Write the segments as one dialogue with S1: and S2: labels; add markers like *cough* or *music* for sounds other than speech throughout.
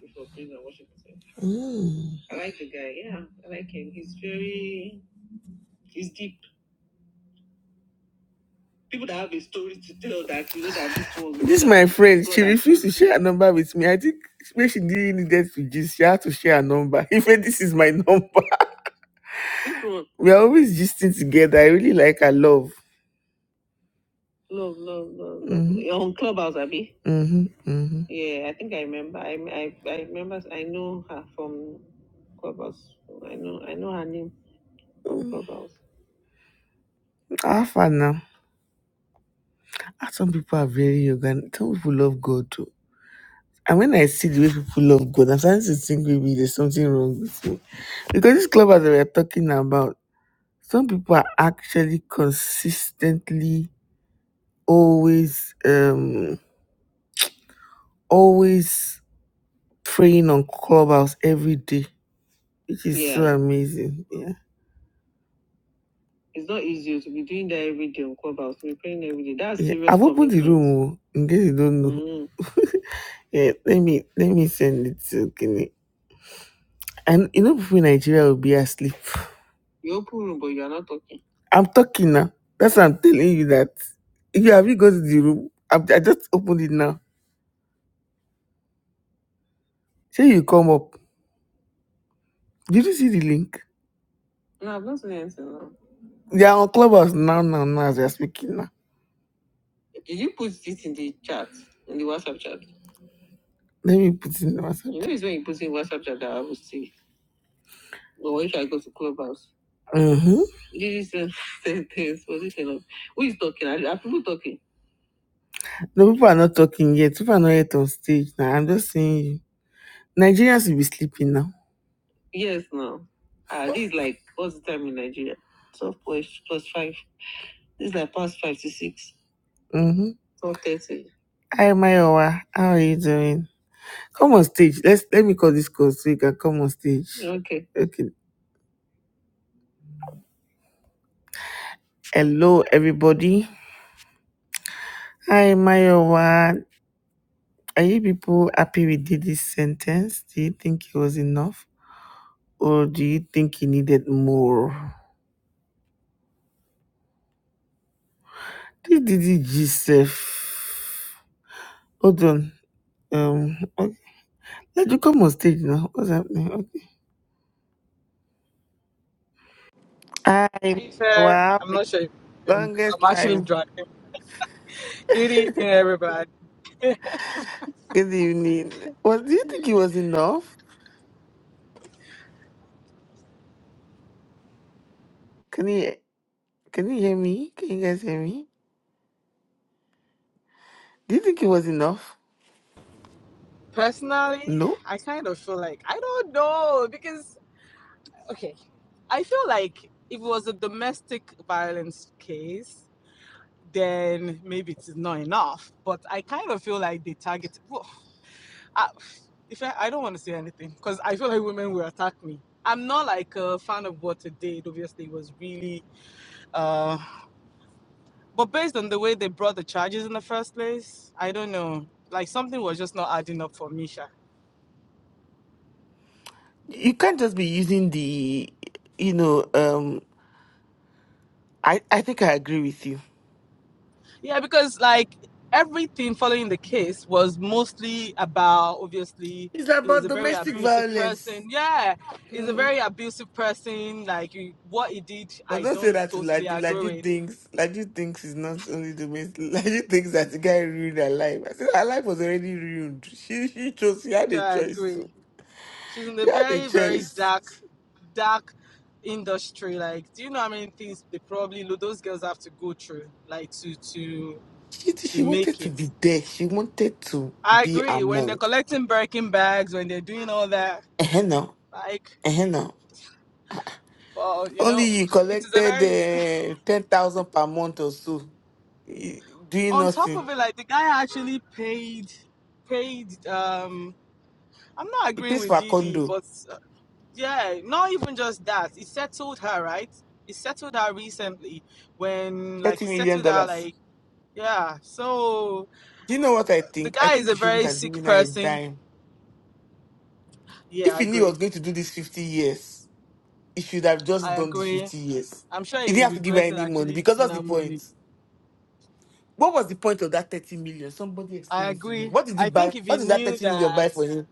S1: He's in Washington. Mm. I like the guy. Yeah, I like him. He's very, he's deep. People that have a story to tell that you know that this one This my friend, she refused to share a number with me. I think maybe she didn't needed to gist, she had to share a number. *laughs* Even this is my number. this We are always gisting together. I really like her love. Love, love, love, love. hmm You're on Clubhouse, Abby. Mm-hmm. Mm-hmm. Yeah, I think I remember. I, I, I remember. I know her from Clubhouse. I know, I know her name from Mm. Clubhouse. Half and now. how Some people are very organic. Some people love God too. And when I see the way people love God, I'm starting to think maybe there's something wrong with me. Because this club that we're talking about, some people are actually consistently always um always praying on clubhouse every day, which is so Yeah. amazing. Yeah. It's not easy to be doing that every day on clubhouse. We're praying every day. That's yeah. serious I've opened the commitment. room oh, in case you don't know. Yeah, let me let me send it to Kenny. And you know, before Nigeria will be asleep. You open room, but you are not talking. I'm talking now. That's why I'm telling you that. If you have you go to the room, I, I just opened it now. Say you come up. Did you see the link? No, I've not seen anything. Now. They are on Clubhouse now, now, now. As we are speaking now. Did you put this in the chat in the WhatsApp chat? Let me put it in the WhatsApp. You know, it's when you put it in WhatsApp chat that I will see. Well, if I go to clubhouse, Mm-hmm. this is sentence position of *laughs* who is talking? Are, are people talking? No, people are not talking yet. People are not yet on stage now. I'm just saying you. Nigerians will be sleeping now. Yes, now. Ah, this is like what's the time in Nigeria? Twelve plus plus five. This is like past five to six. Mm-hmm. Twelve thirty. Hi, Mayowa. How are you doing? Come on stage. Let's let me call this call so you can come on stage. Okay. Okay. Hello, everybody. Hi, Mayowa. Are you people happy with this sentence? Do you think it was enough? Or do you think he needed more? This Didi Gisef. Hold on. Um, okay. let you come on stage now. What's happening? Okay. Hi,
S2: Hey, sir.
S1: wow.
S2: I'm not sure if, um, because
S1: Longest
S2: I'm actually
S1: time.
S2: driving. Good evening, everybody.
S1: Good evening. Was do you think it was enough? Can you can you hear me? Can you guys hear me? Do you think it was enough?
S2: Personally,
S1: No.
S2: I kind of feel like I don't know because okay, I feel like if it was a domestic violence case, then maybe it's not enough. But I kind of feel like they target. Well, I, if I, I don't want to say anything because I feel like women will attack me. I'm not like a fan of what they did. Obviously, it was really uh, But based on the way they brought the charges in the first place, I don't know. Like something was just not adding up for Misha.
S1: You can't just be using the you know, um I, I think I agree with you.
S2: Yeah, because like everything following the case was mostly about obviously
S1: It's
S2: he was
S1: about
S2: a very
S1: domestic
S2: abusive
S1: violence.
S2: person. Yeah, he's a
S1: Mm.
S2: very abusive person. Like what he did,
S1: But
S2: I
S1: don't say
S2: don't
S1: that to
S2: totally
S1: Laju.
S2: agree
S1: Laju
S2: with,
S1: thinks Laju thinks it's not only domestic. *laughs* Laju thinks that the guy ruined her life. I said her life was already ruined. She she chose. She had
S2: which
S1: a
S2: I
S1: choice too.
S2: agree. She's in a
S1: She had a
S2: very very
S1: choice.
S2: dark dark industry. Like, do you know how many things they probably those girls have to go through, like to to
S1: She
S2: to
S1: she
S2: make
S1: wanted to
S2: it.
S1: be there. She wanted to
S2: I
S1: be
S2: agree. When they're
S1: among.
S2: collecting Birkin bags, when they're doing all that,
S1: Eh no.
S2: like,
S1: Eh no.
S2: well, you
S1: Only
S2: know,
S1: you
S2: it is a
S1: collected
S2: very.
S1: uh, ten thousand per month or so, eh, doing
S2: On top
S1: nothing.
S2: of it, like the guy actually paid, paid. Um, I'm not
S1: He
S2: agreeing
S1: pays
S2: with
S1: for a
S2: Didi,
S1: condo,
S2: but uh, yeah, not even just that. He settled her, right? He settled her recently when, like,
S1: thirty
S2: he
S1: million
S2: settled her,
S1: dollars.
S2: like, yeah. So
S1: You know what I
S2: the
S1: think? I
S2: guy is
S1: think
S2: a
S1: he shouldn't
S2: very
S1: have
S2: sick
S1: given her a
S2: person.
S1: dime.
S2: Yeah,
S1: If
S2: I
S1: he knew he
S2: agree.
S1: was going to do this 50 years, he should have just
S2: I
S1: done the
S2: agree.
S1: 50 years.
S2: I'm sure
S1: He didn't
S2: he
S1: have to give her
S2: regretted
S1: any money
S2: actually
S1: because
S2: giving
S1: what's the
S2: her money.
S1: point? What was the point of that 30 million? Somebody
S2: I
S1: explain it to me.
S2: agree.
S1: What did he
S2: I
S1: buy?
S2: think if he
S1: What did that
S2: knew
S1: 30 million
S2: that,
S1: buy for him?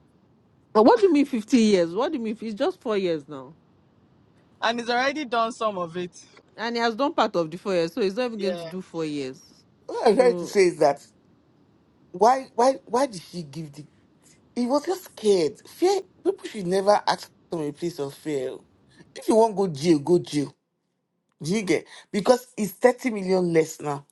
S3: But what do you mean 50 years? What do you mean? It's just four years now.
S2: and he's already done some of it.
S3: And he has done part of the four years, so he's not even going to
S2: Yeah.
S3: do four years.
S1: What I'm trying to
S3: So,
S1: say is that why why why did she give the he was just scared. Fear people should never act from a place of fear. If you want go jail, go jail. Do you get because it's 30 million less now.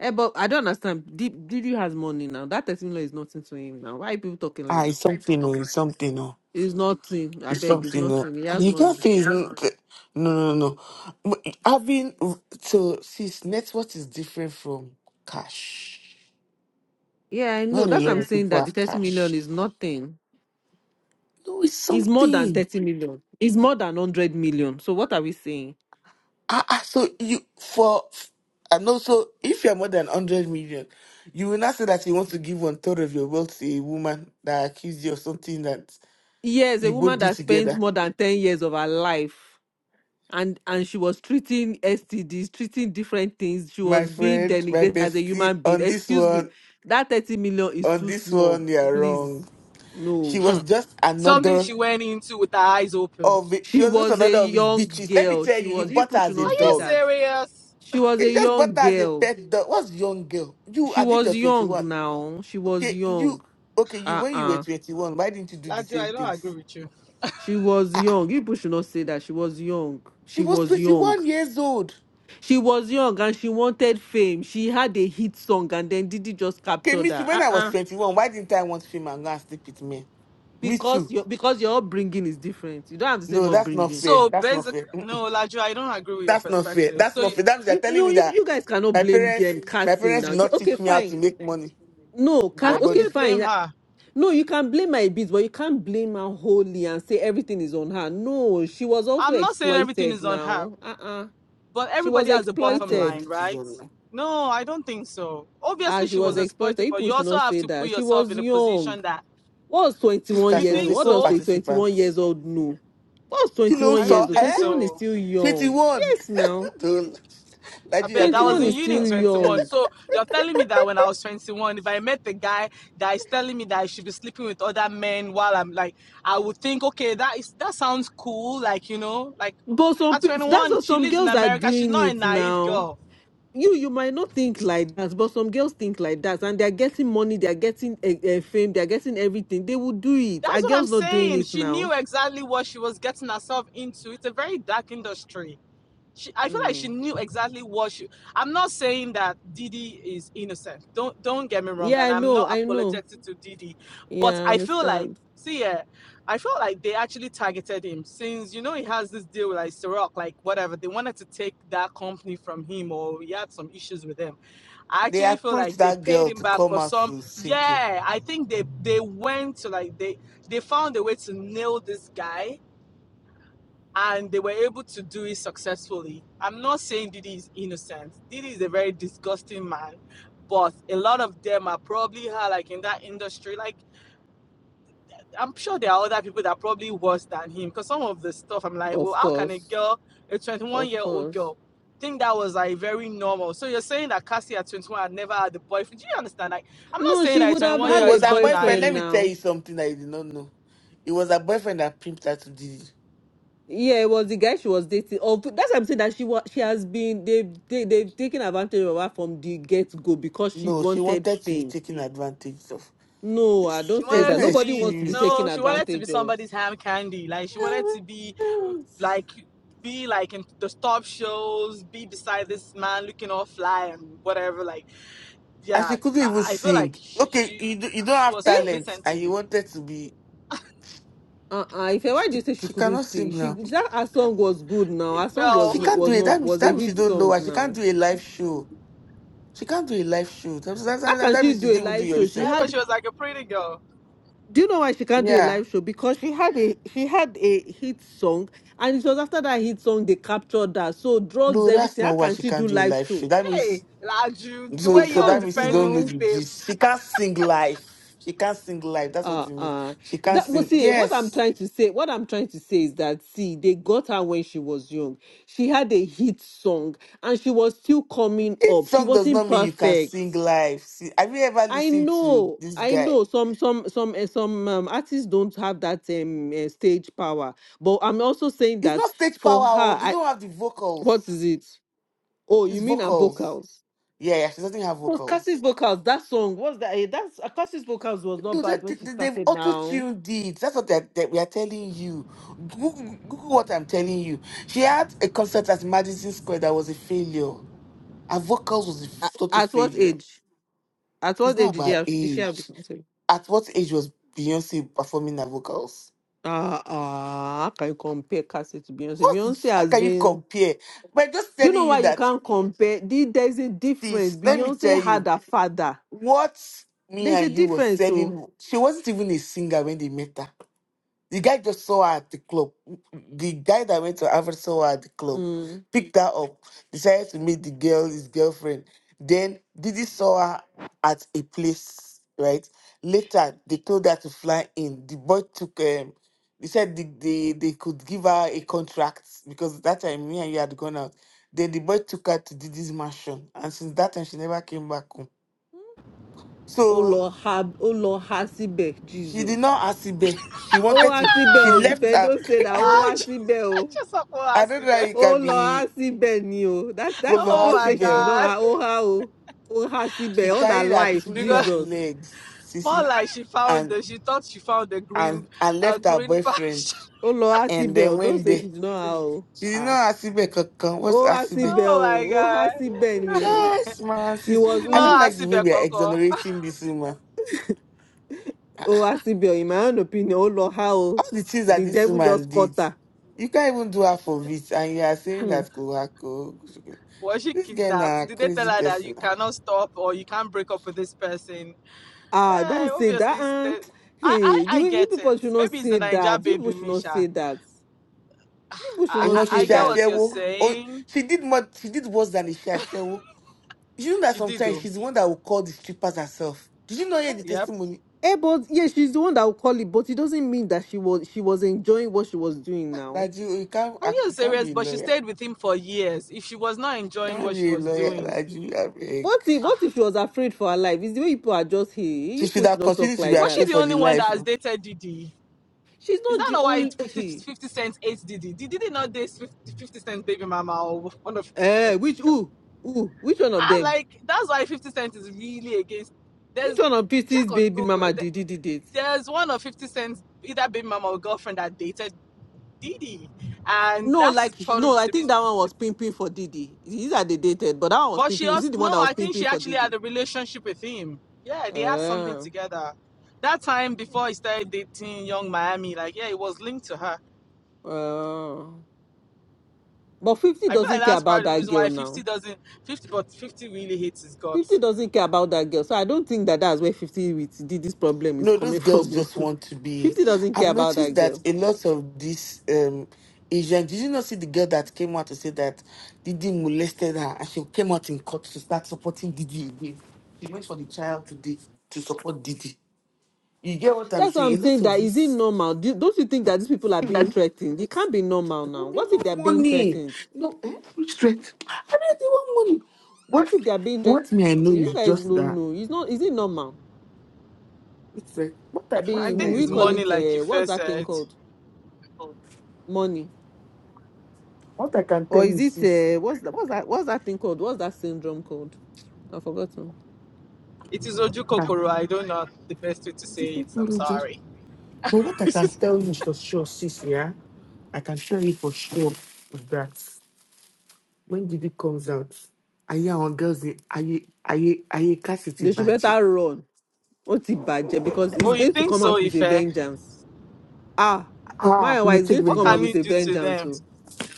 S3: eh, but I don't understand. Did Didi has money now. That 13 law is nothing to him now. Why are people talking like
S1: Ah, it's
S3: this?
S1: something Oh, it's something. oh.
S3: It's nothing. I
S1: It's
S3: beg, it's
S1: something that
S3: nothing. He has
S1: you
S3: money.
S1: can't say is n- no, no, no. M- Having so since network is different from cash.
S3: Yeah, I know.
S1: Not a
S3: That's what
S1: lot
S3: I'm
S1: of
S3: saying
S1: people
S3: that the
S1: have
S3: 30 million
S1: cash.
S3: is nothing.
S1: No, it's
S3: It's more than
S1: something.
S3: 30 million. It's more than 100 million. So what are we saying?
S1: Ah, ah, so you for and also if you're more than hundred million, you will not say that you want to give one third of your wealth to a woman that accused you of something that
S3: Yes, a
S1: you both
S3: woman
S1: did
S3: that spends
S1: together.
S3: more than 10 years of her life and and she was treating STDs, treating different things. She
S1: My
S3: was being
S1: friend, my
S3: denigrated as a
S1: bestie,
S3: human being.
S1: on this
S3: Excuse me,
S1: one,
S3: that thirty million is
S1: on
S3: too
S1: this
S3: small.
S1: one, you are wrong.
S3: Please,
S1: She
S3: no.
S1: was just
S2: Something
S1: another
S2: she went into with her eyes open.
S1: of it. She
S3: She
S1: was just
S3: was a
S1: another of his
S3: young
S1: bitches. Let me
S3: girl.
S1: tell
S3: She
S1: you, he
S3: was.
S1: bought her
S3: people should
S1: as a
S2: Are
S3: not
S2: you
S3: say
S1: dog.
S3: that.
S2: serious?
S3: She was
S1: He
S3: a
S1: just bought
S3: young
S1: her as a
S3: girl.
S1: pet dog. What's young girl? You,
S3: She
S1: I think you're
S3: was
S1: 21.
S3: young now. She was
S1: Okay, you,
S3: young.
S1: okay, you,
S3: Uh
S1: when you were
S3: uh
S1: 21, why didn't you do the
S2: Laju,
S1: same
S2: I don't agree
S1: things?
S2: with you.
S3: She was young. people should not say that. She was young.
S1: She
S3: She
S1: was
S3: was young.
S1: 21 years old.
S3: She was young and she wanted fame. She had a hit song and then Diddy just
S1: Okay,
S3: captured
S1: me too.
S3: her.
S1: When
S3: Uh
S1: I was
S3: uh
S1: 21, why didn't I want film and go and sleep with men? Me
S3: because
S1: too.
S3: your because your upbringing is different. You don't have the same
S1: No, that's not
S3: upbringing.
S1: fair.
S2: So
S1: That's not
S2: basic,
S1: fair. Mm-mm.
S2: no, Laju, I don't agree with your
S1: That's not fair.
S2: perspective.
S1: That's
S2: So
S1: not
S2: you-
S1: fair. That means they're
S3: You
S1: telling
S3: no,
S1: me
S3: you,
S1: that
S3: you guys cannot
S1: my
S3: blame
S1: parents,
S3: them
S1: my
S3: casting
S1: parents
S3: now.
S1: did
S3: You-
S1: not
S3: Okay,
S1: teach me how
S3: fine.
S1: to make money
S3: No,
S1: with my
S2: I
S3: cast okay,
S1: body.
S2: actually
S3: fine.
S2: blame
S3: Like,
S2: her.
S3: No, you can blame my beats, but you can't blame her wholly and say everything is on her. No, she was also
S2: I'm not saying everything
S3: exploited
S2: is on her,
S3: now. Uh-uh.
S2: but
S3: She was
S2: everybody has a
S1: Part
S2: bottom
S1: of
S3: exploited.
S2: line,
S1: it is
S2: right?
S1: on.
S2: No, I don't think so.
S3: Ah,
S2: Obviously,
S3: she
S2: she was
S3: was
S1: No.
S3: exploited.
S2: exploited, but
S3: People
S2: you
S3: should
S2: also
S3: not
S2: have
S3: say
S2: to put
S3: that. She
S2: yourself
S3: was
S2: in a
S3: young.
S2: position that
S3: What's 21
S1: Sister,
S2: you
S1: she
S3: years
S1: was
S2: think
S3: old?
S1: a
S3: What
S1: co
S3: does a
S2: so.
S1: participant.
S3: 21 years old know? What's
S1: Kí ló
S3: 21
S2: I
S1: sọ?
S3: years
S2: don't
S3: old?
S2: think
S1: Eh?
S3: 21 is
S2: so.
S3: still young.
S1: 21.
S3: Yes, now.
S1: *laughs* Don't.
S2: I
S1: Like you
S2: beg.
S1: have
S2: I
S1: been
S2: was
S3: 21
S2: in
S3: is
S2: uni in
S3: still
S1: emotional.
S2: 21.
S3: young.
S2: So you're telling me that when I was 21, if I met a guy that is telling me that I should be sleeping with other men while I'm like, I would think, okay, that is that sounds cool. Like you know, like
S3: But some
S2: at
S3: pe- that's
S2: 21,
S3: what
S2: she
S3: some
S2: lives in
S3: girls are
S2: America. She's
S3: doing
S2: not a
S3: it
S2: naive
S3: now.
S2: girl.
S3: You you might not think like that, but some girls think like that, and they're getting money, they're getting uh, fame, they're getting everything. They will do it.
S2: That's
S3: Are
S2: what I'm
S3: girls not doing
S2: saying.
S3: it
S2: She
S3: now?
S2: knew exactly what she was getting herself into. It's a very dark industry she i feel like she
S3: Mm.
S2: knew exactly what she i'm not saying that didi is innocent don't don't get me wrong
S3: Yeah,
S2: and
S3: I
S2: i'm not
S3: know, I know.
S2: apologetic to didi but
S3: Yeah, I
S2: i feel like
S3: understand.
S2: see yeah i feel like they actually targeted him since you know he has this deal with like Ciroc, like whatever they wanted to take that company from him or he had some issues with them i
S1: They
S2: actually feel
S1: approached
S2: like they
S1: that
S2: paid
S1: girl
S2: him
S1: to
S2: back
S1: come
S2: for
S1: out
S2: some
S1: to sink him.
S2: yeah i think they they went to like they they found a way to nail this guy and they were able to do it successfully. I'm not saying Didi is innocent. Didi is a very disgusting man, but a lot of them are probably like in that industry. Like I'm sure there are other people that are probably worse than him. Because some of the stuff I'm like, well,
S3: Of
S2: how can a
S3: course,
S2: girl, a 21
S3: of
S2: year old
S3: course.
S2: girl, think that was like very normal? So you're saying that Cassie at 21 had never had a boyfriend? Do you understand? Like I'm not
S3: No,
S2: saying
S3: she
S2: that a
S3: would have
S2: 21
S1: No, it
S2: year
S3: had
S2: old
S3: a
S1: was
S2: is
S1: her
S2: not
S1: boyfriend.
S3: boyfriend
S1: Let
S2: naive.
S1: me
S3: now.
S1: tell you something that you did not know. It was her boyfriend that pimped her to do it.
S3: Yeah, it was the guy she was dating. Of that's why I'm saying that she was she has been they've they, they've taken advantage of her from the get go because she
S1: No, she
S3: wanted
S1: wanted to be
S3: fame.
S1: taken advantage of.
S3: No, I
S1: This,
S2: She
S3: don't say
S1: there's
S2: wanted
S1: no
S3: that.
S2: to
S3: Nobody
S2: be
S3: wants to be
S1: excuse.
S3: taken
S2: no, she wanted to be
S3: advantage of.
S2: somebody's hand candy. Like she wanted
S1: *laughs*
S2: to be like be like in the top shows, be beside this man looking all fly and whatever. Like,
S1: And she
S2: yeah,
S1: couldn't even
S2: I, I feel like
S1: sing.
S2: she
S1: Okay, you,
S2: she
S1: do, you don't
S2: she
S1: have
S2: was
S3: Eh?
S1: talent
S2: complacent
S1: and
S2: to
S1: you
S2: me.
S1: wanted to be
S3: Uh uh If why did
S1: She
S3: you say she
S1: she
S3: couldn't
S1: cannot
S3: sing?
S1: sing
S3: She
S1: now.
S3: that her song was good now.
S2: It
S3: Her song was
S1: She
S2: felt,
S3: no,
S1: can't do
S3: was
S1: it.
S3: not
S1: That means
S3: was a
S1: that means she
S3: hit
S1: don't know.
S3: song
S1: her. She can't
S3: now.
S1: do a live show. She can't do a live show. That, that,
S3: How
S1: that,
S3: can
S1: that
S3: she
S1: means you
S3: do a
S1: didn't even do
S3: live
S1: your
S3: show?
S2: *laughs*
S3: She
S2: eh,
S1: research.
S3: had
S2: but she was like a pretty girl.
S3: Do you know why she can't do a
S1: Yeah.
S3: live show? Because she had a she had a hit song, and it was after that hit song they captured that. So drugs,
S1: No, that's
S3: everything.
S1: not
S3: How
S1: why
S3: can
S1: she
S3: she do
S1: can't do a
S3: live
S1: live
S3: show?
S1: show. That means
S2: Hey, Laju, the
S3: She
S1: so
S2: way
S1: so
S2: you're
S1: that
S3: can't
S1: means you
S2: defending
S1: don't know
S2: this
S3: now.
S1: the
S2: babe,
S1: gist. She can't sing live. She can't sing live. That's what
S3: Uh
S1: it means.
S3: uh.
S1: She can't
S3: That was
S1: sing.
S3: see what I'm
S1: Yes.
S3: trying to say. What I'm trying to say is that see, they got her when she was young. She had a hit song and she was still coming
S1: Each
S3: up. She
S1: song does
S3: wasn't
S1: not mean you can
S3: perfect.
S1: sing live. See, have you ever
S3: I
S1: listened to
S3: know,
S1: this
S3: I
S1: guy?
S3: know. Some some some eh, some um, artists don't have that um eh, stage power. But I'm also saying
S1: It's
S3: that
S1: not stage power.
S3: for
S1: Oh,
S3: her,
S1: they
S3: I
S1: don't have the
S3: what
S1: vocals.
S3: is it? Oh,
S1: It's
S3: you mean her
S1: vocals.
S3: vocals?
S1: Yeah, yeah, she doesn't have
S3: It was
S1: vocals.
S3: Cassie's vocals. That song was that? eh, That's uh, Cassie's vocals was
S1: No,
S3: not bad
S1: that
S3: when
S1: th-
S3: she
S1: th- they've
S3: started.
S1: auto
S3: Now,
S1: tuned it. That's what that, that we are telling you. Google, Google what I'm telling you. She had a concert at Madison Square that was a failure. Her vocals was a f- total
S3: at what
S1: failure.
S3: age? At
S1: It's
S3: what age
S1: not
S3: did she
S1: about
S3: have? Did she
S1: age.
S3: have the concert?
S1: At what age was Beyonce performing her vocals?
S3: Ah ah, how can you compare Cassie to Beyonce?
S1: What?
S3: Beyonce
S1: How
S3: has
S1: can you
S3: been.
S1: compare? But just
S3: Do you
S1: telling
S3: know
S1: you
S3: why you
S1: that,
S3: can't compare? The- There's a difference.
S1: sis. Let me tell
S3: Beyonce had
S1: you
S3: a father.
S1: what me
S3: There's a
S1: and you was
S3: difference, oh.
S1: telling. She wasn't even a singer when they met her. The guy just saw her at the club. The guy that went to Harvard saw her at the club,
S3: Mm.
S1: picked her up, decided to meet the girl, his girlfriend. Then Didi saw her at a place, right? Later, they told her to fly in. The boy took, um, they said they, they, they could give her a contract because that time me and you had gone out. Then the boy took her to Didi's mansion. And since that time, she never came back home.
S3: Oh
S1: So
S3: Lord, have oh Lord, Hasibe,
S1: she did
S3: Jesus.
S1: not ask Ibe. She
S3: Oh
S1: wanted to,
S3: Hasibe,
S1: she
S3: oh, if
S1: left
S3: I
S1: her.
S3: don't say that, oh
S1: *laughs*
S2: Laju,
S3: Hasibe,
S2: *laughs* I
S3: oh,
S2: just want to
S1: I
S2: ask
S1: don't
S2: him,
S1: know how
S2: eh?
S1: you
S3: oh
S1: can be
S3: Lord, Hasibe, ni oh. That that is
S2: Oh
S3: don't
S2: my
S1: Koloasi
S3: say she did
S1: Bell.
S3: not
S2: god,
S3: have oh ha oh, oh
S1: She
S3: Hasibe, all
S2: *laughs*
S3: her
S1: carried her
S3: life,
S1: two
S2: because
S1: left
S3: Jesus.
S1: legs,
S2: more
S1: Sissy,
S2: like she found
S1: and
S2: the she thought she found the green,
S1: and and
S2: a uh,
S1: left her
S2: green
S1: boyfriend.
S2: pasture.
S3: Oh Lord,
S1: And
S3: Hasibe,
S1: then
S3: oh, don't
S1: when
S3: say
S1: they
S3: she did not have oh
S1: she did
S3: ah.
S1: not Asibe Kakan, what's
S3: Oh
S2: *laughs*
S1: Asibe?
S3: Hasibe,
S2: Oh my
S3: oh, oh
S2: god,
S3: Hasibe, ni oh.
S2: *laughs*
S1: Just man,
S3: She
S1: sis.
S3: was
S2: she's
S1: I don't
S2: not
S3: hooked.
S1: like the way
S2: Asibe
S1: we are
S2: Coco.
S1: exonerating this woman.
S3: Oh Hasibe, oh, in my own opinion, oh Lord, how
S1: All
S3: oh.
S1: the things that
S3: the
S1: this
S3: devil
S1: woman
S3: just caught
S1: did,
S3: her.
S1: you can't even do her for it. And you are saying
S3: Hmm.
S1: that Kowako.
S2: Was she
S1: This girl na
S2: kidnapped? Did they tell
S1: crazy
S2: her that
S1: person.
S2: you
S1: na.
S2: cannot stop or you can't break up with this person?
S3: Ah,
S2: Yeah,
S3: don't say
S2: obviously.
S3: that.
S2: It's
S3: Um,
S2: the, I,
S3: hey,
S2: I
S3: the
S2: I
S3: way you
S2: get it.
S3: people should not
S2: Maybe it's the
S3: say
S2: Naija
S3: that. You people
S2: baby
S3: should not say
S2: Misha.
S3: that. You people
S2: *sighs*
S3: should
S2: I,
S1: And you
S3: not
S1: know
S2: I
S1: she
S3: say
S2: I get
S3: that.
S2: what you're
S1: shashewo. Oh,
S2: saying.
S1: she did more. She did worse than a shashewo You know that
S2: She did
S1: sometimes
S2: though.
S1: she's the one that will call the strippers herself. Did you not
S3: Eh,
S1: hear the
S2: Yep.
S1: testimony?
S3: eh, but yeah, she's the one that will call it, but it doesn't mean that she was she was enjoying what she was doing
S1: Ah,
S3: now.
S1: Laju, you can't,
S2: Are
S1: act-
S2: you
S1: you can't
S2: serious?
S1: be a
S2: But she
S1: lawyer.
S2: stayed with him for years. If she was not
S1: You
S2: enjoying
S1: can't
S2: what she
S1: be a
S2: was
S1: lawyer,
S2: doing,
S1: Laju. I beg.
S3: What
S2: *sighs*
S3: if what
S2: ah,
S3: if she was afraid for her life? Is the way people are just hey,
S1: She
S3: you
S1: should
S3: people should
S1: have
S3: not talk
S1: continued to be
S3: like
S2: was
S3: that.
S2: she
S1: afraid
S2: the
S1: for the
S2: only one that
S1: life.
S2: has dated Didi?
S3: She's
S2: Is
S3: not
S2: that
S3: the
S2: not why it's
S3: only
S2: 50, fifty
S3: hey.
S2: Cent hates Didi? Did Didi not date 50, 50 Cent baby mama or one of 50
S3: Eh,
S2: Cent's
S3: which
S2: girl?
S3: who? Who? Which one of
S2: I'm
S3: them?
S2: like, that's why 50 Cent is really against.
S3: Which
S2: There's
S3: one of
S2: check
S3: PC's
S2: on
S3: baby
S2: Google.
S3: mama
S2: like, th-
S3: did did it?
S2: There's one of 50 Cent's either baby mama or girlfriend that dated Didi, and
S3: No,
S2: that is
S3: like she-
S2: part of
S3: no, I
S2: the
S3: think
S2: reason.
S3: that one was pimping for Didi. These are they dated, but that one was
S2: But she
S3: pimping. Is
S2: also
S3: it the one
S2: no,
S3: that was
S2: I think she
S3: pimping for
S2: actually had
S3: Didi?
S2: a relationship with him. Yeah, they had something
S3: Oh,
S2: together. That time before he started dating Young Miami, like yeah, it was linked to her.
S3: oh. But Fifty
S2: I feel like
S3: doesn't care
S2: that's part
S3: about
S2: of the
S3: that
S2: reason why
S3: girl
S2: 50
S3: now.
S2: doesn't 50, but 50 really hates his
S3: Fifty
S2: guts.
S3: doesn't care about that girl, so I don't think that that's where Fifty with Didi's problem is
S1: No, those
S3: coming
S1: girls
S3: from.
S1: just
S3: *laughs*
S1: want to be.
S3: Fifty doesn't
S1: I've
S3: care about that
S1: noticed that
S3: girl.
S1: a lot of these um, Asian. Did you not see the girl that came out to say that Didi molested her, and she came out in court to start supporting Didi again? She went for the trial today to support Didi. You get what I'm
S3: That's why
S1: saying?
S3: I'm
S1: A lot
S3: saying
S1: of
S3: that is it normal? Do, don't you think that these people are being
S1: this.
S3: threatened? It can't be normal now.
S1: But they
S3: What if they're
S1: want
S3: being
S1: money.
S3: threatened?
S1: No, eh? Which threat? I mean, they want money. What?
S3: What if they're being threatened?
S1: What me I know
S3: You
S1: is
S3: guys
S1: just
S3: don't
S1: that.
S3: know. It's not. Is it normal?
S1: It's like what I what
S2: I
S3: Abi,
S1: me
S3: will
S1: I
S2: think
S3: we
S2: his
S1: know.
S3: call
S2: money,
S3: it
S1: I,
S2: like he
S3: uh, what's
S2: first
S3: that thing
S2: said.
S3: called? Money.
S1: what I can tell
S3: Or
S1: you,
S3: is it
S1: sis.
S3: uh, what's that what's that what's that thing called? What's that syndrome called? I've forgotten.
S2: It is Oju
S1: I can-
S2: Kokoro. I don't know the best way to say it. I'm sorry.
S1: But what I can
S2: *laughs*
S1: tell you for sure, sis, yeah, I can tell you for sure is that when Diddy comes out, I hear on girls, I hear Cassidy
S3: They should
S1: Baji.
S3: better run. What is it budget? Because
S2: oh,
S3: it's
S2: you
S3: going to
S2: think
S3: come
S2: so,
S3: out with a
S2: Ife?
S3: vengeance. Ah,
S1: Ah,
S3: my
S1: he will
S3: wife is
S1: take
S3: going to
S2: What
S3: come out
S2: can you
S3: with
S1: vengeance.
S3: a
S2: do to
S3: vengeance.
S2: them?
S3: Oh,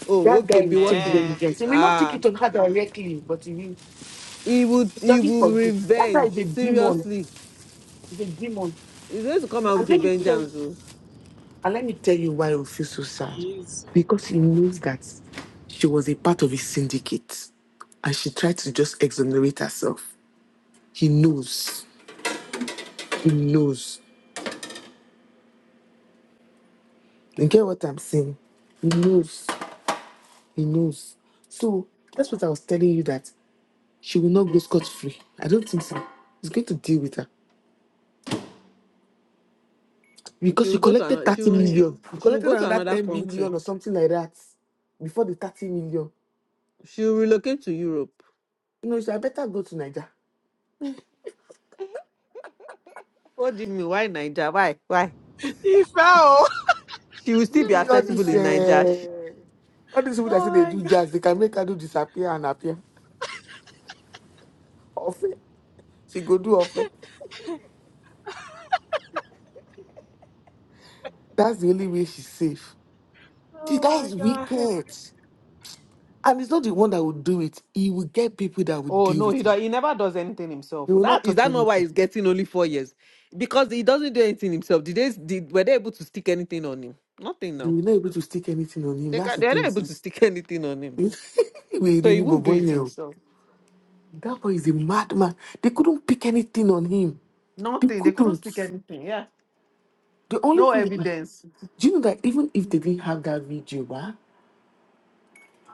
S3: oh
S1: That
S3: okay,
S1: guy will
S3: be
S1: take
S3: watching.
S2: Eh,
S1: vengeance. He will not take
S3: Ah,
S1: it on her directly, but he will.
S3: he would.
S1: It
S3: he
S1: doesn't
S3: will
S1: forgive. That guy is
S3: revenge.
S1: a demon.
S3: Seriously.
S1: He's a demon.
S3: He's going to come out
S1: And
S3: with a
S1: let me tell
S3: vengeance. Oh.
S1: and let me tell you why we feel so sad.
S2: he's
S1: Because he knows that she was a part of his syndicate and she tried to just exonerate herself. He knows. He knows. You get what I'm saying? He knows. He knows. So that's what I was telling you that she will not go scot free. I don't think so. He's going to deal with her. Because
S3: She'll
S1: you
S3: go to
S1: collected
S3: another
S1: 30
S3: she'll
S1: million. You
S3: she'll
S1: collected
S3: go to
S1: another
S3: another
S1: 10
S3: country.
S1: million or something like that before the 30 million.
S3: She'll relocate to Europe
S1: You know, you should have better go to Niger.
S3: What do you mean? Why Niger? Why? Why?
S2: Ife. Oh,
S3: She will still be
S1: Maybe all
S2: *laughs*
S3: accessible
S1: this,
S2: my
S3: in Niger.
S1: uh,
S3: She-
S1: all these people that
S2: Oh
S1: say they
S2: my
S1: do
S2: god.
S1: jazz, they can make her do disappear and appear. Offer. She go do offer. That's the only way she's safe. The
S2: Oh
S1: guy
S2: my
S1: is
S2: god.
S1: wicked. And it's not the one that will do it. He will get people that will
S3: oh
S1: deal
S3: no,
S1: with
S3: he do,
S1: him.
S3: he never does anything himself.
S1: They will not
S3: That is
S1: touch
S3: that not why
S1: anything.
S3: he's getting only four years? Because he doesn't do anything himself. Did they did were they able to stick anything on him? Nothing
S1: They
S3: now.
S1: will not be able to stick anything on him.
S3: They
S1: That's
S3: can
S1: the
S3: they're
S1: thing.
S3: not able to
S1: It's,
S3: stick *laughs* anything on
S1: *laughs*
S3: him now.
S1: we
S3: So he
S1: really
S3: won't do
S1: bobo
S3: it
S1: here. *laughs*
S3: himself.
S1: That boy is a madman. They couldn't pick anything on him. They
S3: Nothing. They couldn't
S1: couldn't.
S3: stick anything. Yeah.
S1: The only
S3: No
S1: thing they could
S3: evidence.
S1: do you know that even if they didn't have that video, bah,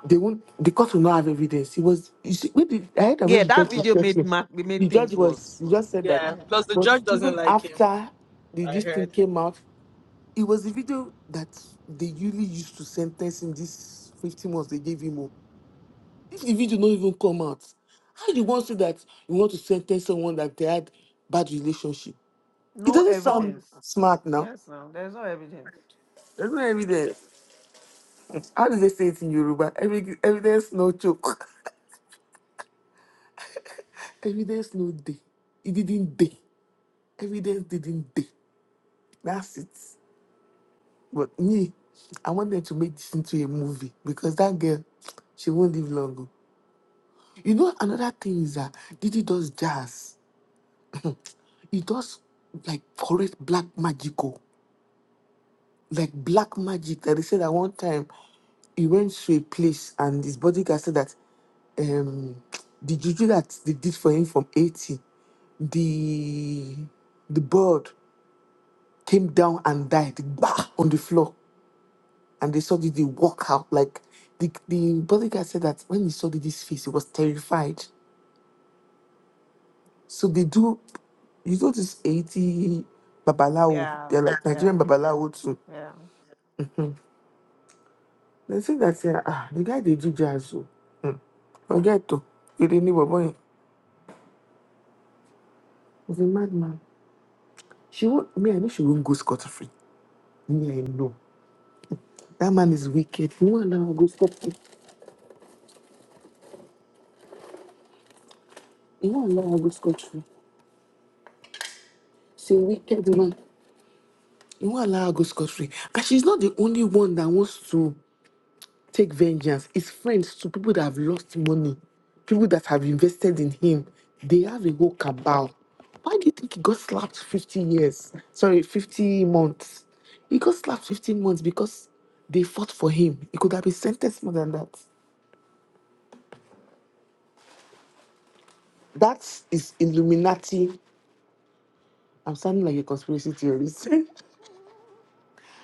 S1: they won't the court will not have evidence. It was you see, when the, I heard that when
S3: Yeah,
S1: the
S3: that
S1: judge was
S3: video made
S1: talking,
S3: ma-
S1: the
S3: made
S1: judge
S3: things
S1: was
S3: worse.
S1: he just said that
S3: Yeah.
S2: Yeah. Plus the
S1: but
S2: judge doesn't
S1: even
S2: like him.
S1: after the
S2: I
S1: this thing
S2: heard.
S1: came out, it was the video that they usually used to sentence him this 15 months they gave him. oh. If the video not even come out, how do you want to say that you want to sentence someone that they had bad relationship? It
S3: No
S1: doesn't sound
S3: evidence.
S1: smart now.
S3: Yes, no. There's no evidence.
S1: That's not evidence. How do they say it in Yoruba? Evi- Evidence no choke. *laughs* Evidence no day. It didn't day. Evidence didn't day. That's it. But me, I want them to make this into a movie because that girl, she won't live long. oh. You know, another thing is that Didi does jazz. He does like correct black magical. Like black magic that they said at one time he went to a place and his bodyguard said that um the juju that they did for him from 80 the the bird came down and died bah, on the floor and they saw did they walk out like the, the bodyguard said that when he saw this face he was terrified so they do you go to 80 babalawo
S3: Yeah.
S1: they're like nigerian
S3: Yeah.
S1: babalawo too
S3: Yeah.
S1: they say that yeah, ah, the guy they do jazz oh. forget to you didn't know boy he's a madman she won't me i know she won't go scot-free me i know That man is wicked. You won't allow her go scot-free. You won't allow her go scot-free. She's a wicked man. You won't allow her go scot-free. And she's not the only one that wants to take vengeance. It's friends to people that have lost money, people that have invested in him. They have a whole cabal. Why do you think he got slapped 50 years? Sorry, 50 months. He got slapped 15 months because they fought for him. He could have been sentenced more than that. That is Illuminati. I'm sounding like a conspiracy theorist. *laughs*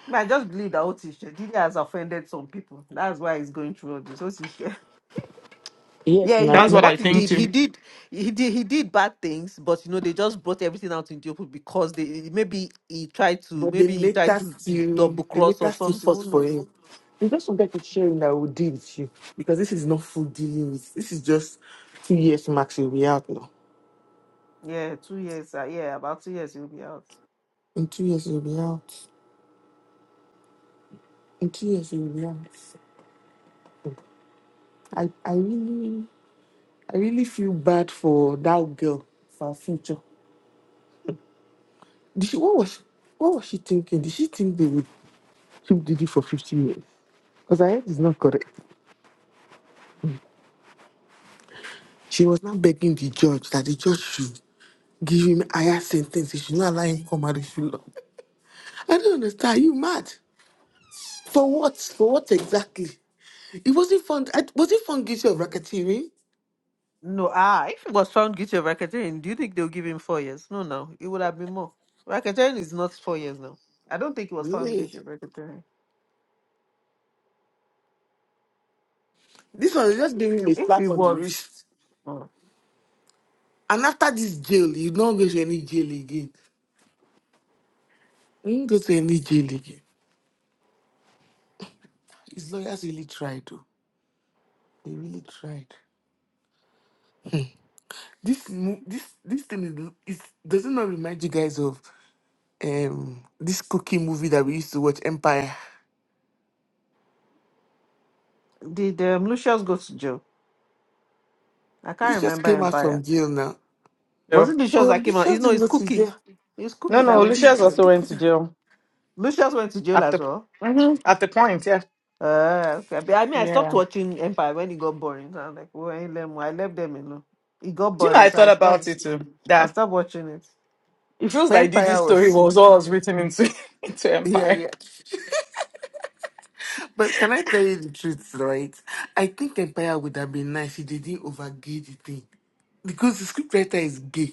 S3: Me, I just believe that Otisha Didi has offended some people. That's why he's going through all this. Otisha. *laughs*
S1: Yes,
S3: Yeah, he
S1: now,
S2: That's
S3: might
S2: what I
S3: what he
S2: think
S3: did, he
S2: too.
S3: did he did he did bad things, but you know, they just brought everything out in the open because they maybe he tried to
S1: but the
S3: maybe he tried to
S1: latest you,
S3: double
S1: the
S3: cross or
S1: latest you
S3: something.
S1: fought
S3: Who
S1: for
S3: knows?
S1: him. You just forget to share him that will deal with you because this is not full dealing with. This is just two years max. You'll be out now.
S3: Yeah, two years. Uh, yeah, about two years he'll be out.
S1: In two years you'll be out. In two years you'll be out. I, I really, I really feel bad for that girl for her future. Did she, what was, what was she thinking? Did she think they would keep Didi for 15 years? Because I heard it's not correct. She was now begging the judge that the judge should. give him higher sentence. You should not allow him come out if you love. I don't understand. Are you mad? For what? For what exactly? It wasn't fun. I- Was it fun guilty of racketeering?
S3: No, ah, if he was found guilty of racketeering, do you think they'll give him four years? No, no, it would have been more. Racketeering is not four years now. I don't think he was found
S1: Eh.
S3: guilty of racketeering.
S1: This one is just giving him a
S3: If he
S1: slap on the
S3: was,
S1: wrist.
S3: oh.
S1: And after this jail, you don't go to any jail again. You don't go to any jail again. His lawyers really tried, though. They really tried. This mo- this this thing is, is does it not remind you guys of um this cooking movie that we used to watch, Empire?
S3: Did um, Lucius go to jail? I
S1: This
S3: can't
S1: just
S3: remember
S1: came out from
S3: Empire.
S1: jail now.
S3: Was it Lucius
S1: Oh,
S3: that came out?
S1: Bishop
S3: You know, it's
S1: Zingosi,
S3: Cookie.
S1: yeah.
S3: It's
S1: He
S2: No,
S3: Cookie
S1: was
S3: that
S2: no,
S3: went to
S1: cooking,
S2: Lucius
S1: he was
S3: jail.
S2: also went to
S1: cooking.
S2: jail
S3: Lucius went to jail
S2: at the
S3: as well.
S2: Mhm. at the point. Yeah,
S3: Uh, okay. But I mean, I stopped
S2: yeah.
S3: watching Empire when it got boring. So I was like, well, I, ain't them, I left them alone. It got
S2: Do you know?
S3: boring,
S2: I
S3: so
S2: thought
S3: I
S2: about
S3: stopped.
S2: it too.
S3: I
S2: That
S3: stopped watching it.
S2: it feels like Didi's
S1: Empire was
S2: story was
S1: sweet.
S2: all was written into *laughs* into
S1: Yeah,
S2: Empire.
S1: yeah. But can I tell you the truth, right? I think Empire would have been nice if they didn't overgay the thing. Because the scriptwriter is gay.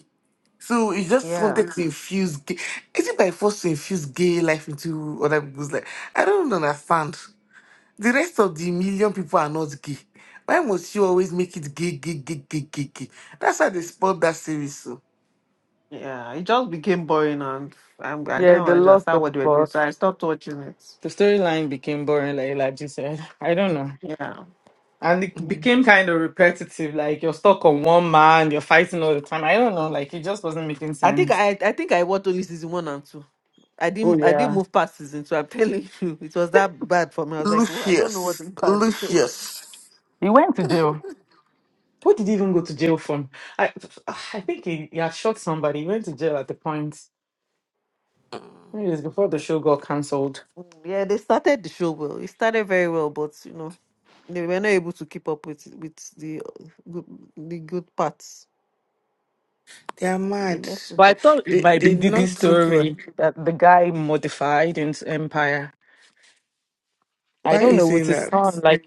S1: So he just
S3: Yeah,
S1: wanted to infuse gay. Is it by force to infuse gay life into other people's life? I don't understand. The rest of the million people are not gay. Why must you always make it gay, gay, gay, gay, gay, gay? That's how they spoiled that series. So.
S3: yeah. It just became boring, and I'm, I
S2: Yeah,
S3: didn't
S2: they
S3: want to
S2: lost the
S3: start what they were doing,
S2: plot.
S3: so I stopped watching it.
S2: The storyline became boring, like Elijah said. I don't know.
S3: Yeah.
S2: And it became kind of repetitive. Like you're stuck on one man, you're fighting all the time. I don't know. Like it just wasn't making
S3: I think
S2: sense.
S3: I I think I watched only season one and two. I
S2: Oh
S3: didn't I didn't
S2: yeah,
S3: move past season two. I'm telling *laughs* you, it was that bad for me. I was like, well, I don't know what the
S1: Lucius.
S3: bad. *laughs*
S1: Lucius.
S2: he went to jail. What did he even go to jail for? I, I think he, he had shot somebody. He went to jail at the point. Maybe it was before the show got cancelled.
S3: Mm, yeah, they started the show well. It started very well, but you know, they were not able to keep up with with the uh, good, the good parts.
S1: They are
S3: They
S1: mad.
S3: left
S2: But
S3: it
S2: I
S3: up.
S2: thought it
S1: They
S2: might be
S1: they did
S2: Diddy's
S1: not keep her.
S2: story that the guy modified into Empire. I
S1: Why are
S2: don't
S1: you
S2: know with
S1: saying
S2: his
S1: that?
S2: son, like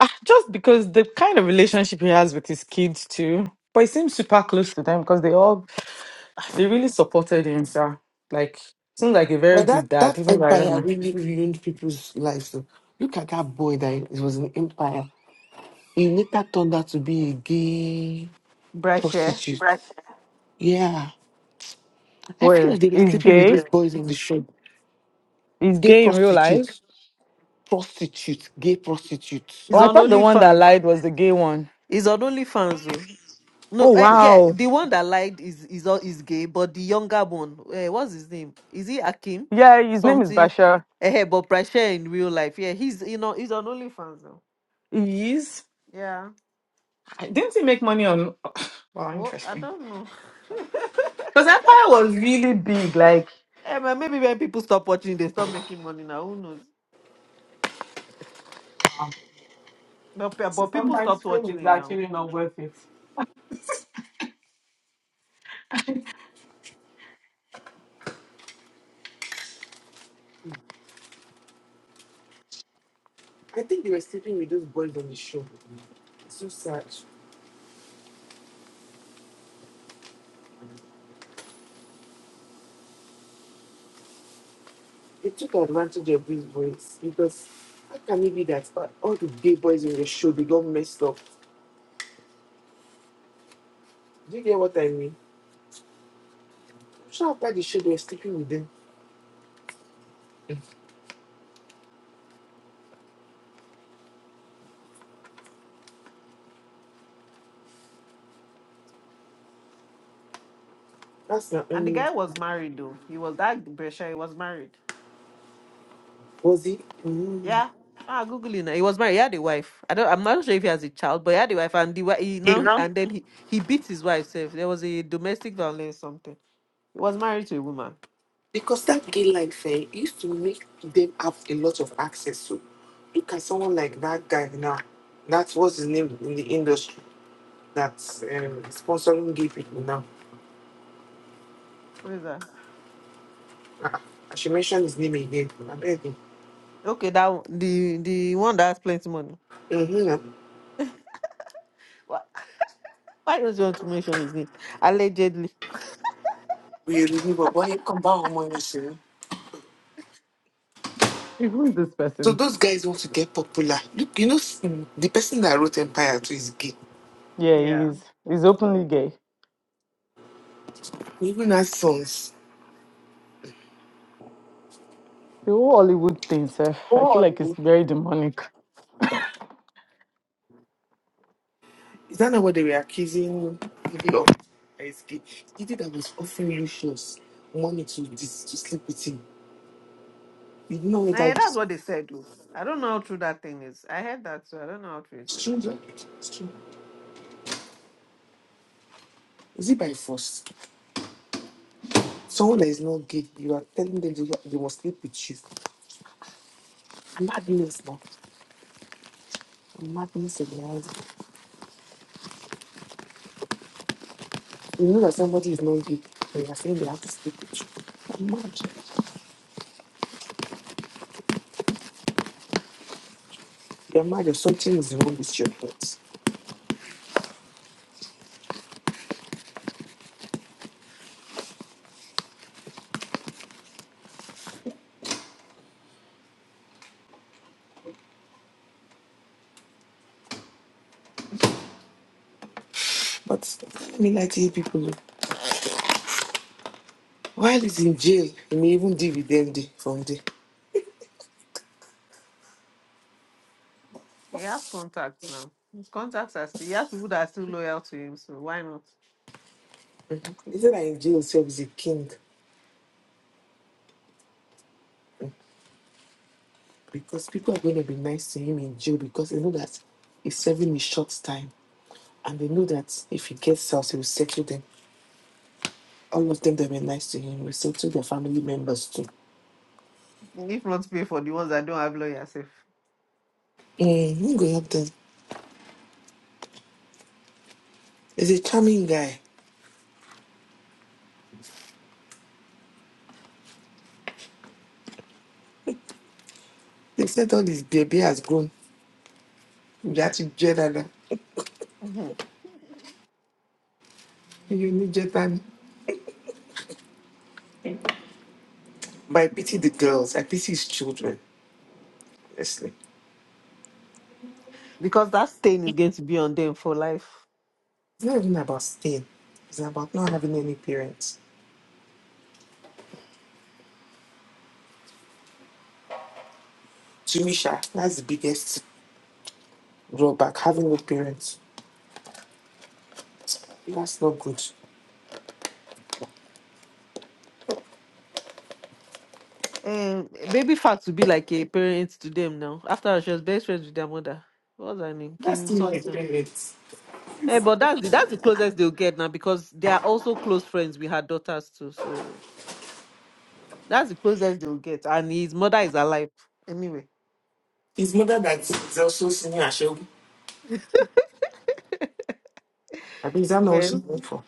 S2: ah, just because the kind of relationship he has with his kids too. But he seems super close to them because they all ah, they really supported him. sha. Like seems like a very
S1: But that,
S2: good
S1: that
S2: dad, even though I don't
S1: empire
S2: know.
S1: really ruined people's lives. Though. Look at that boy that it was an empire. He later turned out to be a gay
S3: Brasher
S1: prostitute. Right. Yeah. I feel
S2: Well,
S1: like they were
S2: he's
S1: sleeping with
S2: gay.
S1: these boys in the shop.
S2: He's
S1: Gay
S2: gay in real life.
S1: prostitutes. Prostitutes. Gay prostitutes.
S2: Oh,
S3: is
S2: I
S3: on
S2: thought the one that
S3: OnlyFans.
S2: lied was the gay one.
S3: He's on OnlyFans though. No,
S2: Oh
S3: uh, yeah,
S2: wow.
S3: the one that lied is is all is gay, but the younger one, uh, what's his name? Is he Akim?
S2: Yeah, his name is
S3: Something.
S2: Bashar.
S3: Uh, but Prasha in real life, yeah, he's you know he's on OnlyFans now.
S2: He is.
S3: Yeah.
S2: I- Didn't he make money on? *sighs* Wow,
S3: Well, I
S2: interesting.
S3: don't know. *laughs*
S2: Because Empire was really big. Like
S3: Eh, but maybe when people stop watching, they stop making money now. Who knows? But, pe-
S2: so
S3: but people
S2: sometimes
S3: stopped
S2: fame
S3: watching
S2: is
S3: it now.
S2: actually not worth it.
S1: I think they were sleeping with those boys on the show. It's so sad. they took advantage of these boys because how can it be that all all the gay boys in the show they got messed up? Do you get what I mean? I'm sure after the show they were sleeping with them. That's not
S3: And the
S1: only
S3: guy was married though. He was that Brescia. He was married.
S1: was it mm.
S3: Yeah. Ah, googling it. He was married. He had a wife. I don't. I'm not sure if he has a child, but he had a wife, and the wi- he
S1: you
S3: now
S1: know
S3: and then he he beat his wife. Self. There was a domestic violence something. He was married to a woman.
S1: because that gay life eh, used to make them have a lot of access to. Look at someone like that guy now. That's what's his name in the industry that's um, sponsoring gay people now.
S3: Where is that?
S1: Ah, I should mention his name again. I beg you.
S3: Okay, that one- the the one that has plenty money.
S1: Mm-hmm.
S3: Wha- Why don't you want to mention his name? Allegedly.
S1: We remember boy come back home when you see.
S2: Who is this
S1: So
S2: person?
S1: those guys want to get popular. Look, you know, s- the person that wrote Empire 2 is gay.
S2: Yeah,
S3: Yeah.
S2: he's he's openly gay.
S1: He even has sons.
S2: The whole Hollywood thing, sir.
S1: Oh,
S2: I feel like it's
S1: Olive.
S2: very demonic.
S1: is that not what they were accusing him of? That he's gay. He did that was offering Lucius, shows, money to this, to sleep with him. You know what
S3: Eh,
S1: that
S3: that's
S1: is?
S3: what they said. though. I don't know how true that thing is. I heard that too. I don't know how true it is.
S1: It's true. though. It's true. Is it by force? Someone that is not gay, you are telling them they, they must sleep with you. Madness, man. Madness in the eyes. You know that somebody is not gay, and you are saying they have to sleep with you. Mad. Your mind, something is wrong with your thoughts. But let me lie to you people. oh. While he's in jail, he may even dividend from the.
S3: He has contacts now. His contacts are still. He has people that are still loyal to him. So why not?
S1: He said that in jail himself is a king because people are going to be nice to him in jail because they know that he's serving a short time and they know that if he gets out, he will settle them. All of them that were nice to him will settle their family members too.
S3: If not pay for the ones that don't have lawyers. Self.
S1: Mm, he go help them. He's a charming guy. They said all his baby has grown. You have to jet and
S3: Mhm.
S1: you need jet and But I pity the girls. I pity his children, honestly.
S3: because that stain is going to be on them for life.
S1: It's not even about staying. It's about not having any parents. To me, Sha, that's the biggest drawback, having no parents. That's not good.
S3: Um, baby fat will be like a parent to them now. After all, she was best friends with their mother. What's her name?
S1: That's
S3: Kim
S1: still not a
S3: something.
S1: parent.
S3: Eh, but that's the that's the closest they'll get now because they are also close friends with her daughters too. So that's the closest they'll get. And his mother is alive anyway.
S1: His mother that is also singing Ashogu. I mean, is that not what she's
S3: Well,
S1: going for?